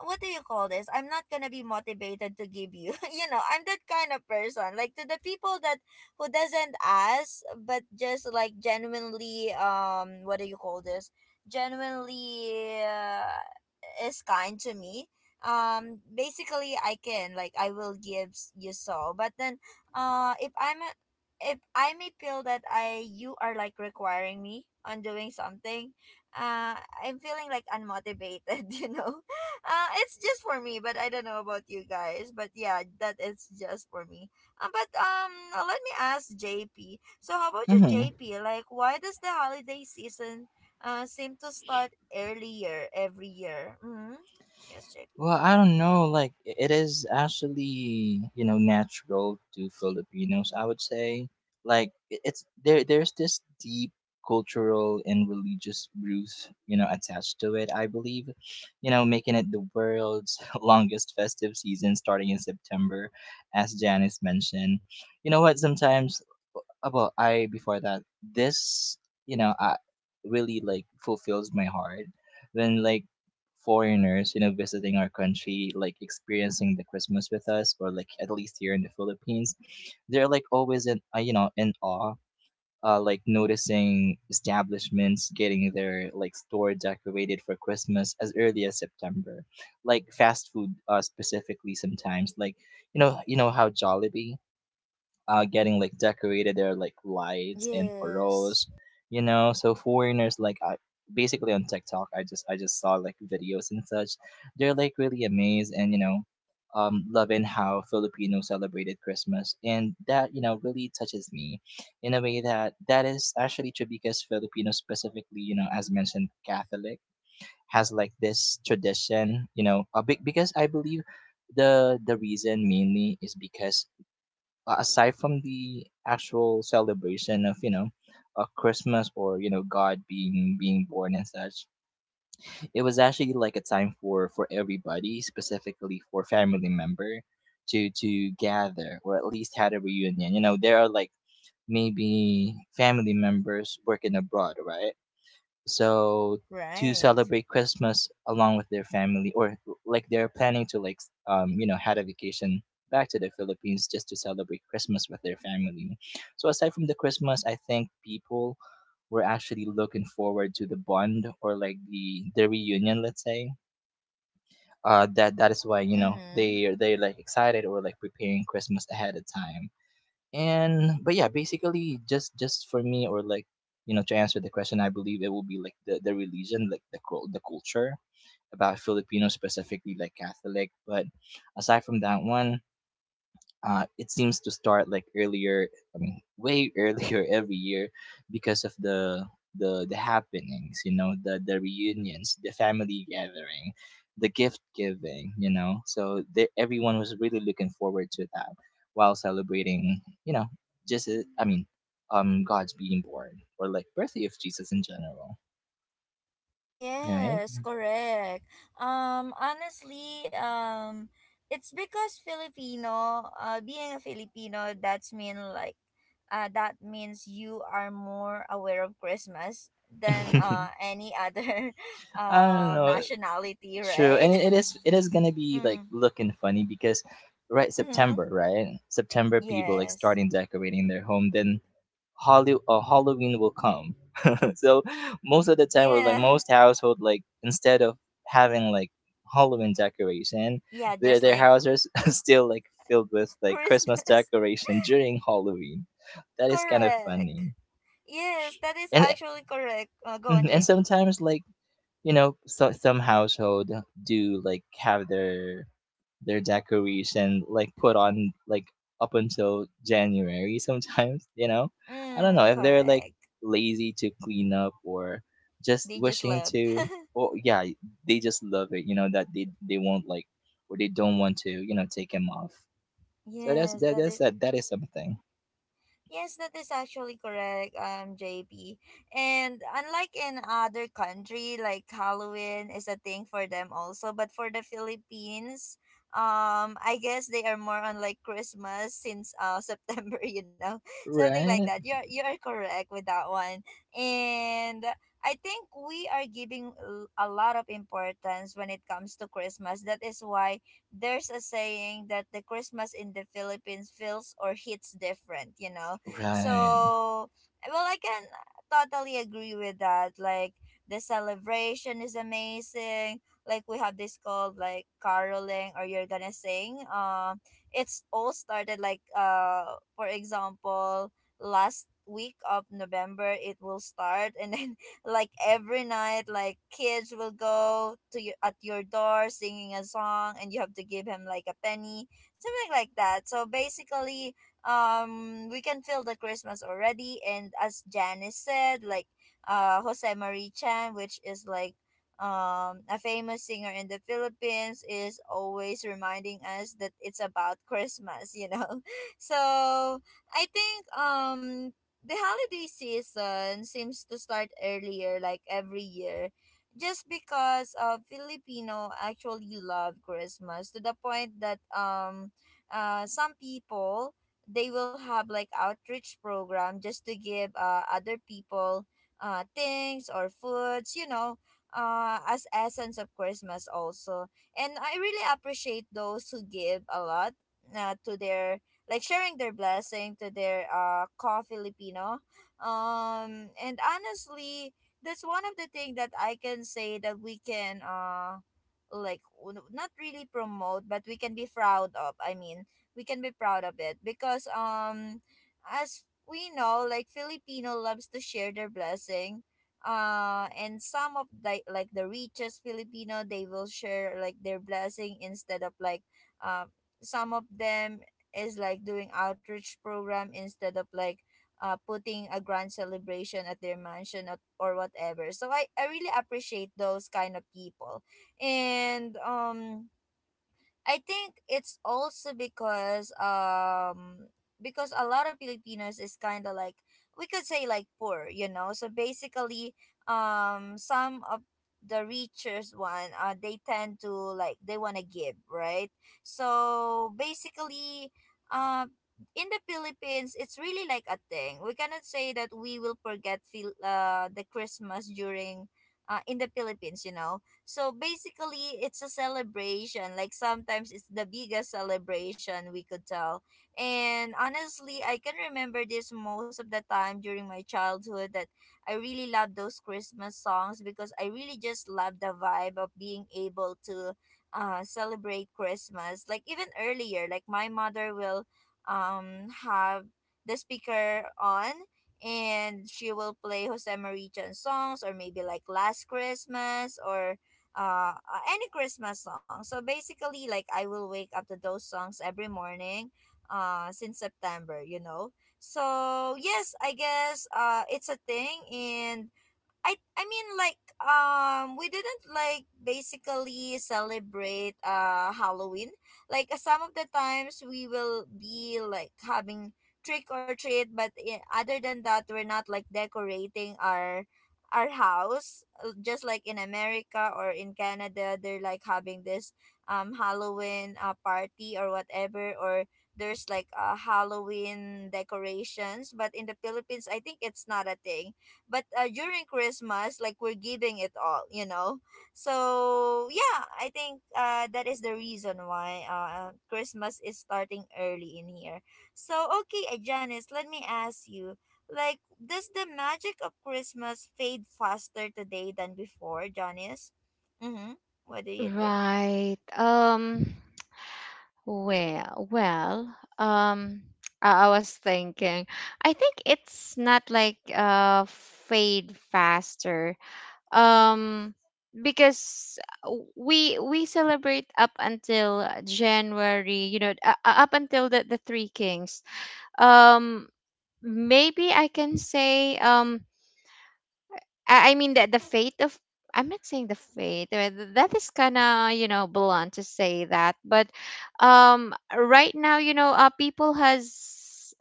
Speaker 1: what do you call this? I'm not gonna be motivated to give you. (laughs) You know, I'm that kind of person. Like, to the people that who doesn't ask, but just like genuinely, what do you call this? Genuinely uh, is kind to me. Basically, I can like I will you so. But then uh if I'm a, if I may feel that I you are like requiring me on doing something, uh I'm feeling like unmotivated, (laughs) you know. It's just for me, but I don't know about you guys. But yeah, that is just for me. But Let me ask JP. So how about you,
Speaker 2: Mm-hmm.
Speaker 1: JP? Like, why does the holiday season seem to start earlier every year? Mm-hmm. Yes, JP.
Speaker 2: Well, I don't know. Like, I- it is actually, you know, natural to Filipinos, I would say. Like, I- it's there, there's this deep cultural and religious roots, you know, attached to it, I believe, you know, making it the world's (laughs) longest festive season starting in September, as Janice mentioned. You know what? Sometimes well, I before that, this you know, I really like fulfills my heart when like foreigners, you know, visiting our country, like experiencing the Christmas with us, or like at least here in the Philippines, they're like always in, you know, in awe. Like noticing establishments getting their like store decorated for Christmas as early as September, like fast food specifically sometimes like you know how Jollibee getting like decorated their like lights and
Speaker 1: Yes.
Speaker 2: paroles, you know. So foreigners like I basically on TikTok, I just saw like videos and such. They're like really amazed and loving how Filipinos celebrated Christmas, and that you know really touches me in a way that is actually true because Filipinos specifically, you know, as mentioned, Catholic has like this tradition, you know, a big because I believe the reason mainly is because aside from the actual celebration of christmas or you know god being born and such. It was actually like a time for everybody, specifically for family member to gather or at least had a reunion. You know, there are like maybe family members working abroad, right? So to
Speaker 1: Right.
Speaker 2: celebrate christmas along with their family, or like they're planning to like you know had a vacation back to the philippines just to celebrate christmas with their family. So aside from the christmas, I think people were actually looking forward to the bond or like the reunion, let's say. That is why you know
Speaker 1: Mm-hmm.
Speaker 2: they're like excited or like preparing christmas ahead of time. And But yeah, basically just for me, or like you know, to answer the question, I believe it will be like the religion, like the the culture about filipino, specifically like catholic. But aside from that one, it seems to start like earlier. I mean way (laughs) earlier every year because of the happenings, you know, the reunions, the family gathering, the gift giving, so everyone was really looking forward to that while celebrating you know, just I mean god's being born or like birthday of jesus in general, right?
Speaker 1: Yes, correct. Honestly, it's because Filipino, being a Filipino, that's mean like, that means you are more aware of Christmas than
Speaker 2: (laughs)
Speaker 1: any other, (laughs)
Speaker 2: I don't know.
Speaker 1: nationality,
Speaker 2: True, and
Speaker 1: right?
Speaker 2: it is gonna
Speaker 1: (laughs)
Speaker 2: be like
Speaker 1: mm.
Speaker 2: looking funny because
Speaker 1: Mm-hmm.
Speaker 2: Right? September people like
Speaker 1: Yes.
Speaker 2: starting decorating their home, then Holly, Halloween will come. (laughs) So most of the time, or like
Speaker 1: Yeah.
Speaker 2: most household, like instead of having like Halloween decoration,
Speaker 1: Yeah.
Speaker 2: their
Speaker 1: Just
Speaker 2: their
Speaker 1: like
Speaker 2: houses (laughs) still like filled with like Christmas
Speaker 1: Christmas.
Speaker 2: decoration during Halloween.
Speaker 1: (laughs)
Speaker 2: That is kind of
Speaker 1: correct.
Speaker 2: funny,
Speaker 1: Yes, that is
Speaker 2: and
Speaker 1: actually correct. Go on,
Speaker 2: mhm, and
Speaker 1: JP.
Speaker 2: sometimes like you know so, some household do like have their decories and like put on like up until January sometimes, (laughs) you know? I don't
Speaker 1: Mm,
Speaker 2: know if they're like
Speaker 1: correct.
Speaker 2: lazy to clean up or just
Speaker 1: They just
Speaker 2: wishing
Speaker 1: love.
Speaker 2: to
Speaker 1: (laughs)
Speaker 2: oh yeah, they just love it, you know, that they won't like or they don't want to, you know, take him off. So
Speaker 1: Yes, that it,
Speaker 2: that is something.
Speaker 1: Yes, that is actually correct, JP. And unlike in other country, like Halloween is a thing for them also, but for the Philippines, I guess they are more on like Christmas since (laughs) September, you know, something like
Speaker 2: Right?
Speaker 1: that. You're correct with that one, and I think we are giving a lot of importance when it comes to Christmas. That is why there's a saying that the Christmas in the Philippines feels or hits different, you know.
Speaker 2: Right.
Speaker 1: So, well, I can totally agree with that. Like, the celebration is amazing. Like, we have this called like caroling, or you're gonna sing. It's all started like, for example, last week of November, it will start. And then, (laughs) like, every night, like, kids will go to your, at your door singing a song, and you have to give him like a penny, something like that. So, basically, we can feel the Christmas already. And as Janice said, like, Jose Marie Chan, which is like a famous singer in the Philippines, is always reminding us that it's about Christmas. (laughs) So I think, the holiday season seems to start earlier like every year, just because Filipino actually love Christmas to the point that some people, they will have like outreach program just to give other people things or foods, as essence of Christmas also. And I really appreciate those who give a lot, to their, like, sharing their blessing to their co Filipino. And honestly, that's one of the thing that I can say that we can like not really promote, but we can be proud of. I mean, we can be proud of it because as we know, like, Filipino loves to share their blessing. Uh, and some of the, like, the richest Filipino, they will share like their blessing instead of like um some of them is like doing outreach program instead of like, putting a grand celebration at their mansion, or whatever. So I really appreciate those kind of people. And I think it's also because a lot of Filipinos is kind of like, we could say like poor, you know. So basically, some of the richest one, they tend to like, they want to give, right? So basically, uh, in the Philippines, it's really like a thing. We cannot say that we will forget feel the Christmas during. In the Philippines, you know, so basically, it's a celebration. Like, sometimes it's the biggest celebration we could tell. And honestly, I can remember this most of the time during my childhood that I really love those Christmas songs because I really just love the vibe of being able to celebrate Christmas. Like, even earlier, like my mother will have the speaker on, and she will play Jose Marichan's songs, or maybe like Last Christmas, or any Christmas song. So basically, like, I will wake up to those songs every morning, since September. You know, so yes, I guess it's a thing. And I mean, like, we didn't like basically celebrate Halloween. Like, some of the times we will be like having trick or treat, but other than that, we're not like decorating our house. Just like in America or in Canada, they're like having this Halloween party or whatever, or there's like a Halloween decorations, but in the Philippines, I think it's not a thing. But during Christmas, like, we're giving it all, you know. So yeah, I think that is the reason why Christmas is starting early in here. So okay, Janice, let me ask you, like, does the magic of Christmas fade faster today than before, Janice? Mm-hmm. What do you think?
Speaker 3: Right. Well, I was thinking, I think it's not like fade faster. Um, because we celebrate up until January, you know, up until the Three Kings. Um, maybe I can say, I mean that the fate of, I'm not saying the fate that is kind of, you know, blunt to say that, but right now, you know, people has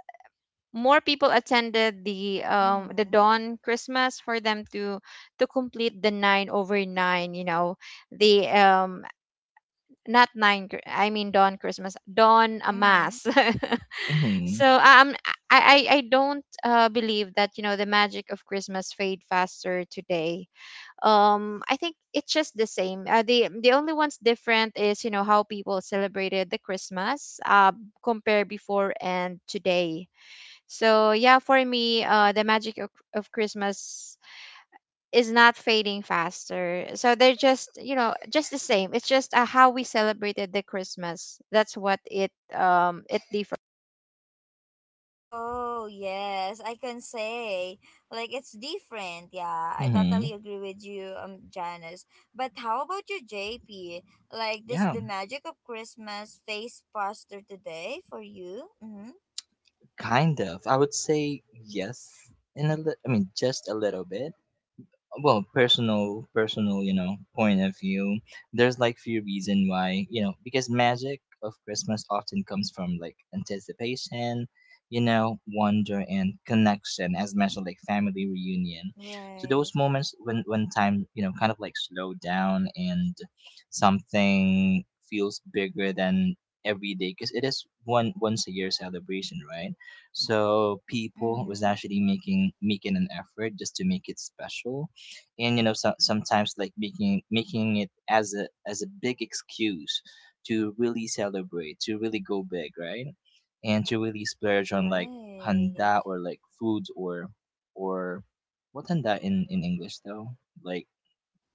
Speaker 3: more people attended the
Speaker 1: Mm-hmm.
Speaker 3: dawn Christmas for them to complete the 9 over 9, you know, the not 9 Chri- I mean dawn Christmas, dawn a
Speaker 1: Mm-hmm.
Speaker 3: mass. (laughs)
Speaker 2: Mm-hmm.
Speaker 3: So I don't believe that, you know, the magic of Christmas fade faster today. I think it's just the same, the only ones different is, you know, how people celebrated the Christmas, compare before and today. So yeah, for me, the magic of, Christmas is not fading faster, so they're just, you know, just the same. It's just, how we celebrated the Christmas, that's what it, it differs.
Speaker 1: Oh, yes, I can say. Like, it's different. Yeah, I
Speaker 2: Mm-hmm.
Speaker 1: totally agree with you, Janice. But how about you, JP? Like, this the
Speaker 2: Yeah,
Speaker 1: magic of Christmas face poster today for you? Mm-hmm.
Speaker 2: kind of. I would say yes, in a I mean just a little bit. Well, personal you know point of view, there's like few reason why you know, because magic of christmas often comes from like anticipation, you know, wonder and connection as much like family reunion. So those
Speaker 1: Right.
Speaker 2: moments when time you know kind of like slow down and something feels bigger than every day because it is one once a year celebration, right? So people was
Speaker 1: Mm-hmm.
Speaker 2: actually making an effort just to make it special. And you know so, sometimes like making it as a big excuse to really celebrate, to really go big, right? And to really splurge on like
Speaker 1: Right.
Speaker 2: handa or like foods, or what handa in english though, like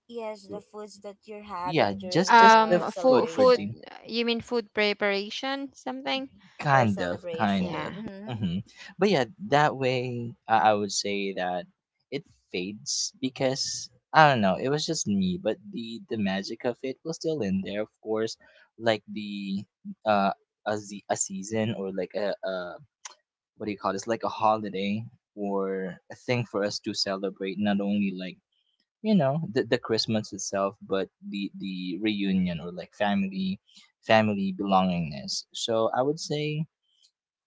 Speaker 1: Yes, the foods that you're
Speaker 2: yeah,
Speaker 1: having during
Speaker 2: just the
Speaker 1: the
Speaker 3: Food,
Speaker 2: food for dinner.
Speaker 1: celebration,
Speaker 3: you mean food preparation something.
Speaker 1: for
Speaker 2: Kind of, kind
Speaker 1: celebration.
Speaker 3: Yeah.
Speaker 2: of.
Speaker 1: Mm-hmm.
Speaker 2: Hmm. But yeah, that way I would say that it fades because I don't know. It was just me, but the magic of it was still in there. Of course, like the uh a, a season, or like a what do you call this? Like a holiday or a thing for us to celebrate. Not only like you know the Christmas itself, but the reunion, or like family belongingness. So I would say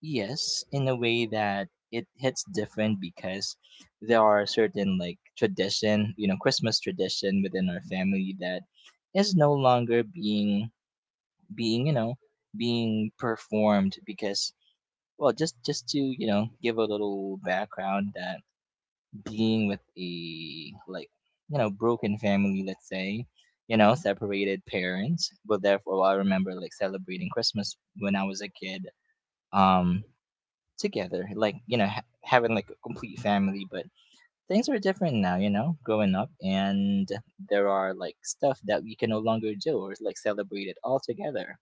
Speaker 2: yes, in a way that it hits different because there are certain like tradition, you know, Christmas tradition within our family that is no longer being, you know, being performed because well, just to, you know, give a little background that being with a like, you know, broken family, let's say, you know, separated parents, but therefore well, I remember like celebrating Christmas when I was a kid. Um Together, like you know, having like a complete family. But things are different now, you know, growing up, and there are like stuff that we can no longer do or like celebrate it all together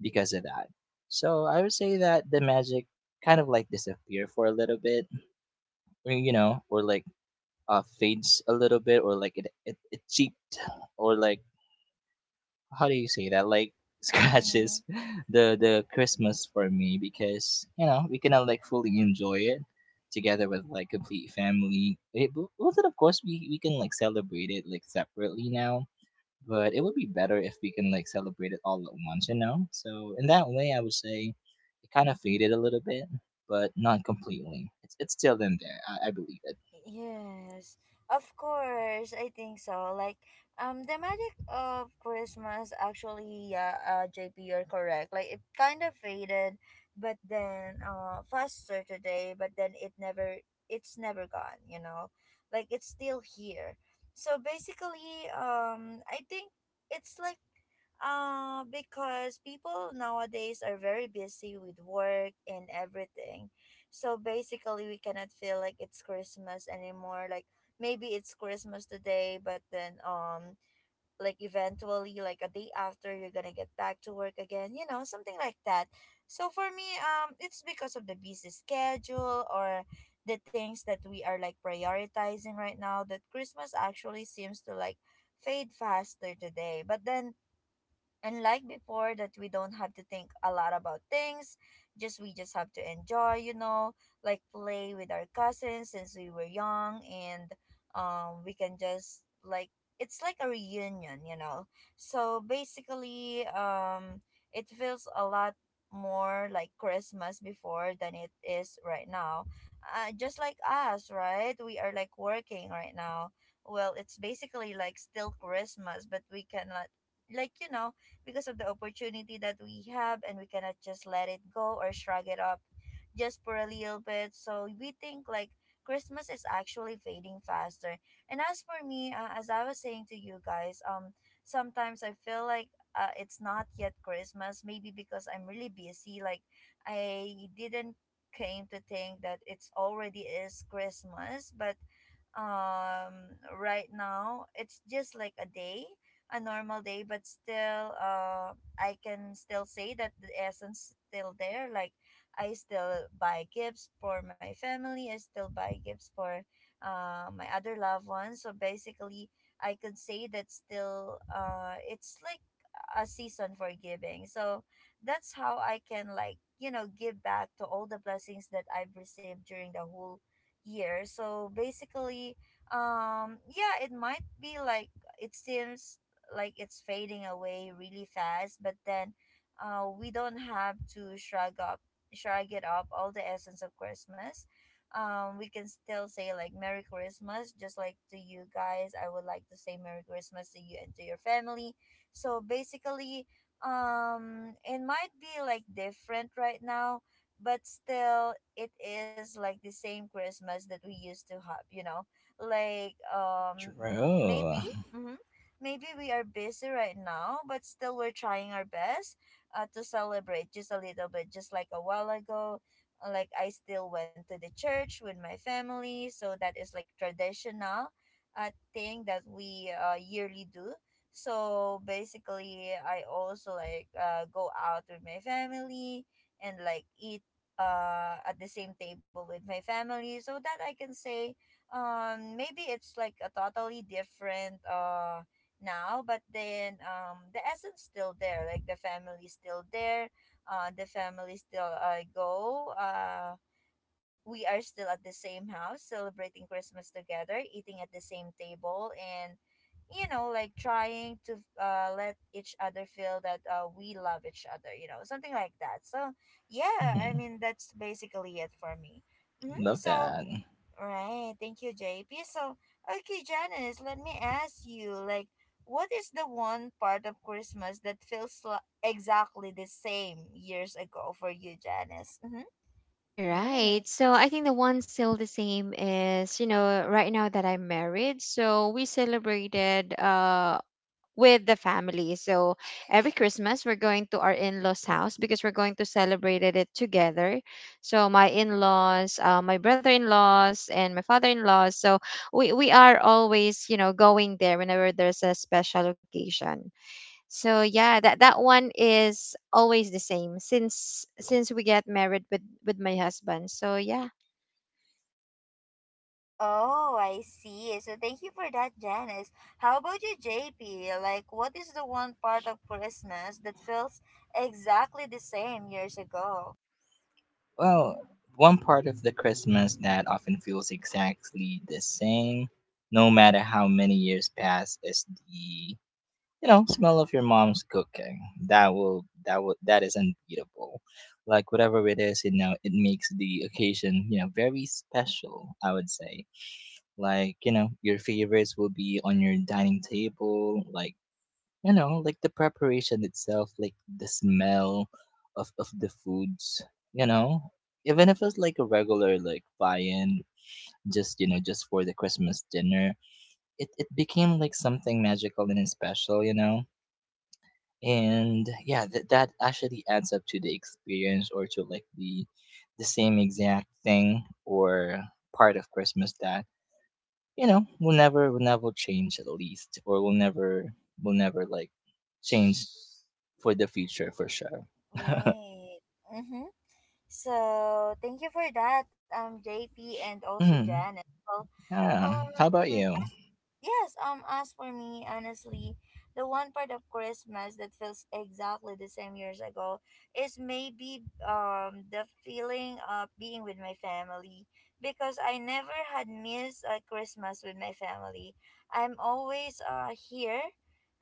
Speaker 2: because of that. So I would say that the magic kind of like disappear for a little bit, or, you know, or like fades a little bit, or like it cheaped, or like how do you say that, like (laughs)
Speaker 1: Mm-hmm.
Speaker 2: scratches the christmas for me because you know we cannot like fully enjoy it together with like complete family. It well, then of course we can like celebrate it like separately now, but it would be better if we can like celebrate it all at once, you know. So in that way, I would say it kind of faded a little bit, but not completely. It's still in there. I believe it.
Speaker 1: Yes, of course, I think so. Like, the magic of Christmas actually, yeah, JP, you're correct. Like, it kind of faded, but then, faster today, but then it never, it's never gone, you know? Like, it's still here. So basically, I think it's like, because people nowadays are very busy with work and everything, so basically, we cannot feel like it's Christmas anymore. Like, maybe it's Christmas today, but then like eventually, like a day after, you're gonna get back to work again. You know, something like that. So for me, it's because of the busy schedule or the things that we are like prioritizing right now. That Christmas actually seems to like fade faster today. But then, and like before, that we don't have to think a lot about things. Just we just have to enjoy, you know, like play with our cousins since we were young, and we can just like, it's like a reunion, you know. So basically, it feels a lot more like Christmas before than it is right now. Just like us, right? We are like working right now. Well, it's basically like still Christmas, but we cannot, like, you know, because of the opportunity that we have, and we cannot just let it go or shrug it up just for a little bit. So we think like Christmas is actually fading faster. And as for me, as I was saying to you guys, sometimes I feel like it's not yet Christmas, maybe because I'm really busy, like I didn't came to think that it's already is Christmas. But um right now it's just like a day, a normal day. But still, I can still say that the essence still there. Like, I still buy gifts for my family, I still buy gifts for my other loved ones. So basically, I could say that still, it's like a season for giving. So that's how I can, like, you know, give back to all the blessings that I've received during the whole year. So basically, yeah, it might be like, it seems like it's fading away really fast, but then we don't have to shrug up, shrug it up all the essence of Christmas. We can still say like Merry Christmas, just like to you guys. I would like to say Merry Christmas to you and to your family. So basically, it might be like different right now, but still it is like the same Christmas that we used to have, you know, like
Speaker 2: True.
Speaker 1: maybe. Mm-hmm, maybe we are busy right now, but still we're trying our best to celebrate just a little bit, just like a while ago. Uh, like, I still went to the church with my family, so that is like traditional thing that we yearly do. So basically, I also like go out with my family and like eat at the same table with my family, so that I can say maybe it's like a totally different now, but then the essence still there. Like, the family still there, the family still go we are still at the same house celebrating Christmas together, eating at the same table, and you know, like trying to let each other feel that we love each other, you know, something like that. So,
Speaker 2: (laughs)
Speaker 1: yeah, I
Speaker 2: Mhm.
Speaker 1: mean, that's basically it for me. Hmm.
Speaker 2: Love
Speaker 1: So,
Speaker 2: that.
Speaker 1: right, thank you, JP. So, okay, Janice, let me ask you, like, what is the one part of Christmas that feels exactly the same years ago for you, Janice? Mm-hmm.
Speaker 3: All right. So
Speaker 1: Yes.
Speaker 3: I think the one still the same is, you know, right now that I'm married, so we celebrated with the family. So every Christmas we're going to our in-laws' house because we're going to celebrate it together. So my in-laws, my brother-in-laws and my father-in-laws. So we are always, you know, going there whenever there's a special occasion. So yeah, that that one is always the same since we get married with my husband. So yeah.
Speaker 1: Oh, I see. So thank you for that, Janice. How about you, JP? Like, what is the one part of Christmas that feels exactly the same years ago?
Speaker 2: Well, one part of the Christmas that often feels exactly the same, no matter how many years pass, is the you know smell of your mom's cooking. That is unbeatable. Like whatever it is, you know, it makes the occasion you know very special. I would say, like you know, your favorites will be on your dining table, like you know, like the preparation itself, like the smell of the foods, you know, even if it's like a regular like viand, just you know, just for the christmas dinner, it became like something magical and special, you know. And yeah, that actually adds up to the experience or to like the same exact thing or part of christmas that you know we will never change, at least, or we will never like change for the future for sure.
Speaker 1: Right. Mm-hmm. So thank you for that, JP, and also
Speaker 2: Mm,
Speaker 1: Janice. Well,
Speaker 2: yeah,
Speaker 1: Um,
Speaker 2: how about
Speaker 1: (clears throat)
Speaker 2: you?
Speaker 1: as, yes, as for me, honestly, the one part of Christmas that feels exactly the same years ago is maybe the feeling of being with my family, because I never had missed a Christmas with my family. I'm always here,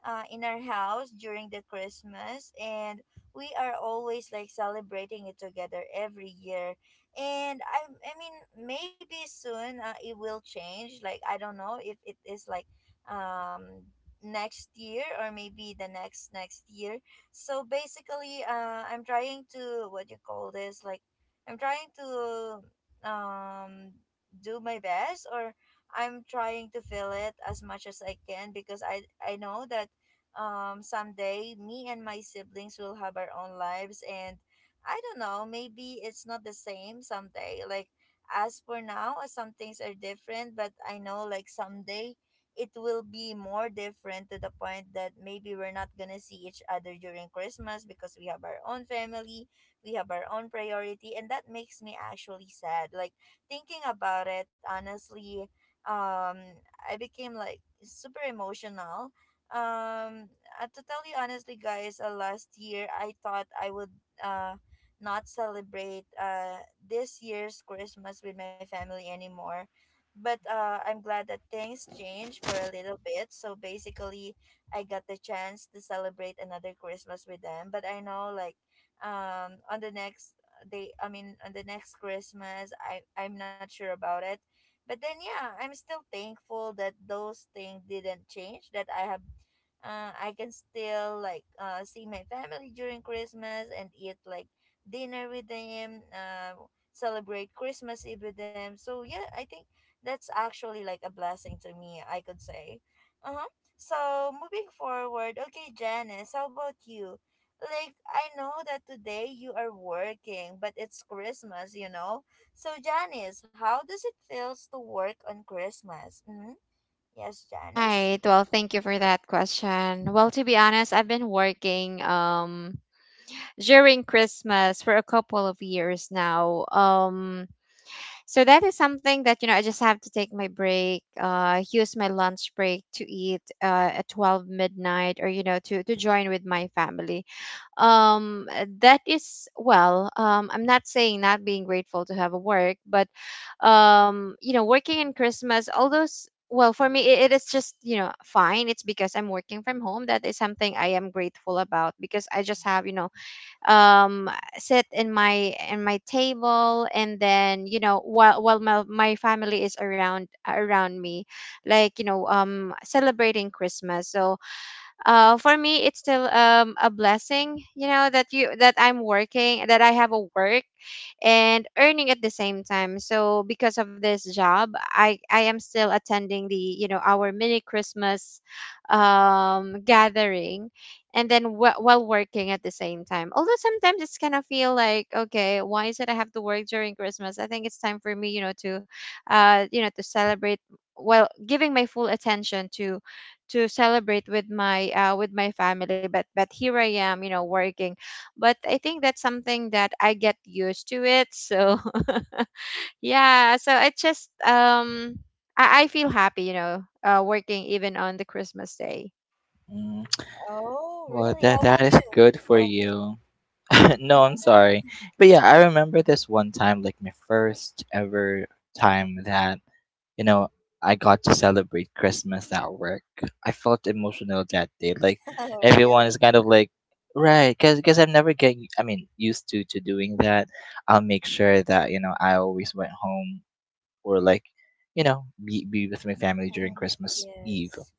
Speaker 1: in our house during the Christmas, and we are always like celebrating it together every year. And I mean, maybe soon, it will change. Like, I don't know if it is like um next year or maybe the next next year. So basically, I'm trying to, what you call this, like, I'm trying to um do my best, or I'm trying to feel it as much as I can, because I know that someday me and my siblings will have our own lives, and I don't know, maybe it's not the same someday. Like, as for now, some things are different, but I know like someday it will be more different to the point that maybe we're not gonna see each other during Christmas, because we have our own family, we have our own priority, and that makes me actually sad. Like, thinking about it, honestly, um, I became like super emotional. Um, to tell you honestly, guys, last year I thought I would uh not celebrate this year's Christmas with my family anymore. But I'm glad that things changed for a little bit. So basically, I got the chance to celebrate another Christmas with them. But I know like on the next day, I mean on the next Christmas, I'm not sure about it. But then yeah, I'm still thankful that those things didn't change, that I have, I can still like see my family during Christmas and eat like dinner with them, celebrate Christmas Eve with them. So yeah, I think that's actually like a blessing to me, I could say. Uh-huh. So moving forward, okay, Janice, how about you? Like, I know that today you are working, but it's Christmas, you know. So Janice, how does it feels to work on Christmas? Mm-hmm. Yes, Janice.
Speaker 3: Right. Well, thank you for that question. Well, to be honest, I've been working during Christmas for a couple of years now. So that is something that, you know, I just have to take my break, use my lunch break to eat at 12 midnight, or, you know, to join with my family. That is well. I'm not saying not being grateful to have a work, but you know, working in Christmas, all those. Well, for me, it is just, you know, fine. It's because I'm working from home. That is something I am grateful about, because I just have, you know, um sit in my table, and then, you know, while my, family is around me, like, you know, celebrating Christmas. So for me it's still a blessing, you know, that I'm working, that I have a work, and earning at the same time. So because of this job, I am still attending the, you know, our mini Christmas gathering, and then while working at the same time. Although sometimes it's kind of feel like, okay, why is it I have to work during Christmas? I think it's time for me, you know, to you know, to celebrate, well, giving my full attention to celebrate with my, with my family, but here I am, you know, working. But I think that's something that I get used to it. So (laughs) yeah, so it just I feel happy, you know, working even on the Christmas day.
Speaker 2: Mm,
Speaker 1: Oh,
Speaker 2: well,
Speaker 1: really?
Speaker 2: that
Speaker 1: How
Speaker 2: that
Speaker 1: about
Speaker 2: is
Speaker 1: you?
Speaker 2: good for you. (laughs)
Speaker 1: (laughs) How
Speaker 2: No, I'm
Speaker 1: about
Speaker 2: sorry,
Speaker 1: you? Mhm.
Speaker 2: but yeah, I remember this one time like my first ever time that you know, I got to celebrate Christmas at work. I felt emotional that day. Like
Speaker 1: (laughs) Oh,
Speaker 2: everyone is
Speaker 1: really?
Speaker 2: kind of like, right, because 'cause I'm never getting, I mean, used to doing that. I'll make sure that you know I always went home or like, you know, be with my family during
Speaker 1: Mm.
Speaker 2: Christmas Eve,
Speaker 1: Yes.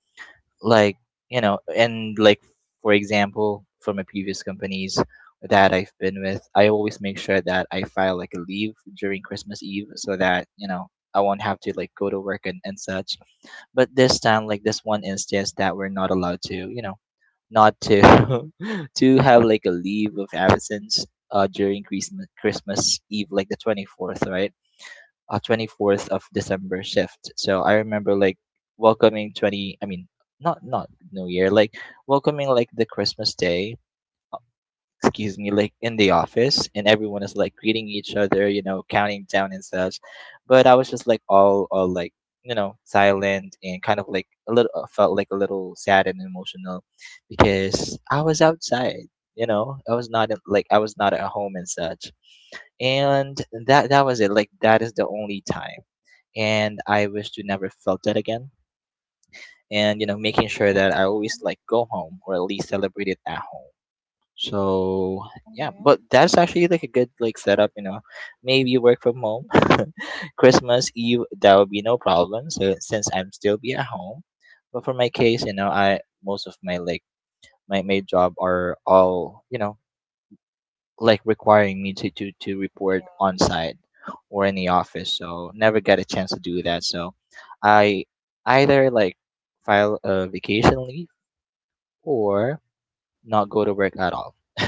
Speaker 2: like you know, and like for example for my previous companies that I've been with, I always make sure that I file like a leave during christmas eve so that you know I won't have to like go to work, and such. But this time, like this one instance that we're not allowed to you know not to (laughs) to have like a leave of absence during christmas eve, like the 24th, right? Uh, 24th of December shift. So I remember like welcoming 20, I mean, not New Year, like welcoming like the Christmas day. uh, Excuse me, like in the office, and everyone is like greeting each other, you know, counting down and such. But I was just like all like you know, silent and kind of like a little felt like a little sad and emotional because I was outside. You know, I was not like I was not at home and such, and that was it. Like that is the only time, and I wish to never felt that again, and you know making sure that I always
Speaker 1: Mhm.
Speaker 2: like go home or at least celebrate it at home. So yeah,
Speaker 1: Mhm.
Speaker 2: but that's actually like a good like setup, you know. Maybe work from home, (laughs) Christmas Eve, that would be no problem. So since I'm still be at home, but for my case, you know, I most of my like my job are all you know like requiring me to to report
Speaker 1: Yeah.
Speaker 2: on site or in the office. So never get a chance to do that. So I either like file a vacation leave or not go to work at all. (laughs)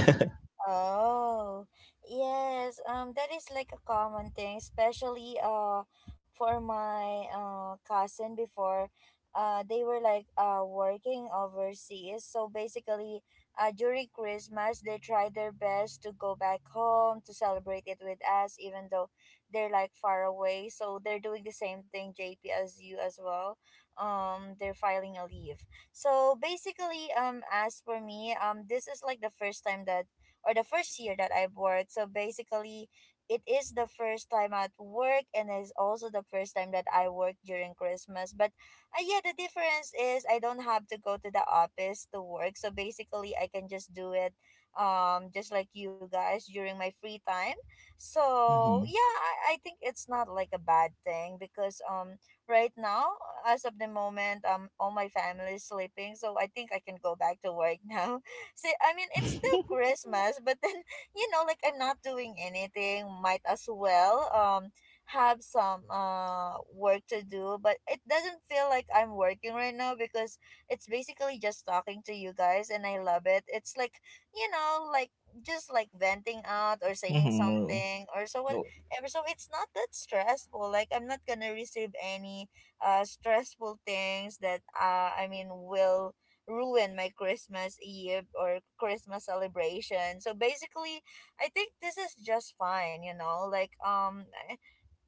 Speaker 1: Oh, yes. That is like a common thing, especially for my cousin before. They were like working overseas, so basically, during Christmas they tried their best to go back home to celebrate it with us, even though they're like far away. So they're doing the same thing, JP, as you as well. They're filing a leave. So basically, as for me, this is like the first time that, or the first year that I worked. So basically, it is the first time at work, and it's also the first time that I work during Christmas. But yeah, the difference is I don't have to go to the office to work. So basically, I can just do it just like you guys during my free time. So
Speaker 2: Hmm.
Speaker 1: yeah, I think it's not like a bad thing, because right now, as of the moment, all my family is sleeping, so I think I can go back to work (laughs) now. See, I mean, it's still
Speaker 2: (laughs)
Speaker 1: Christmas, but then, (laughs) you know, like, I'm not doing anything. Might as well have some work to do, but it doesn't feel like I'm working right now, because it's basically just talking to you guys, and I love it. It's like, you know, like, just like venting out or saying
Speaker 2: Mhm,
Speaker 1: something or so
Speaker 2: oh. Oh,
Speaker 1: whatever. So it's not that stressful. Like, I'm not gonna receive any stressful things that I mean will ruin my Christmas Eve or Christmas celebration. So basically, I think this is just fine, you know? Like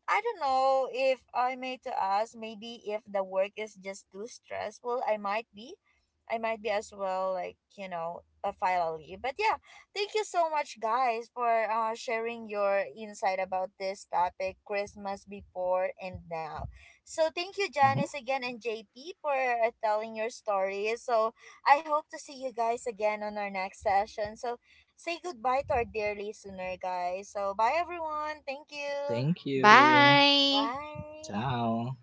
Speaker 1: I don't know if I may to ask, maybe if the work is just too stressful, I might be. I might be as well, like, you know, a file a leave. But yeah, thank you so much, guys, for sharing your insight about this topic Christmas before and now. So thank you,
Speaker 2: mhm.
Speaker 1: Janice, again, and JP for telling your story. So I hope to see you guys again on our next session. So say goodbye to our dear listener, guys. So bye, everyone. Thank you.
Speaker 2: Thank you.
Speaker 1: 拜。
Speaker 3: Bye.
Speaker 2: Ciao.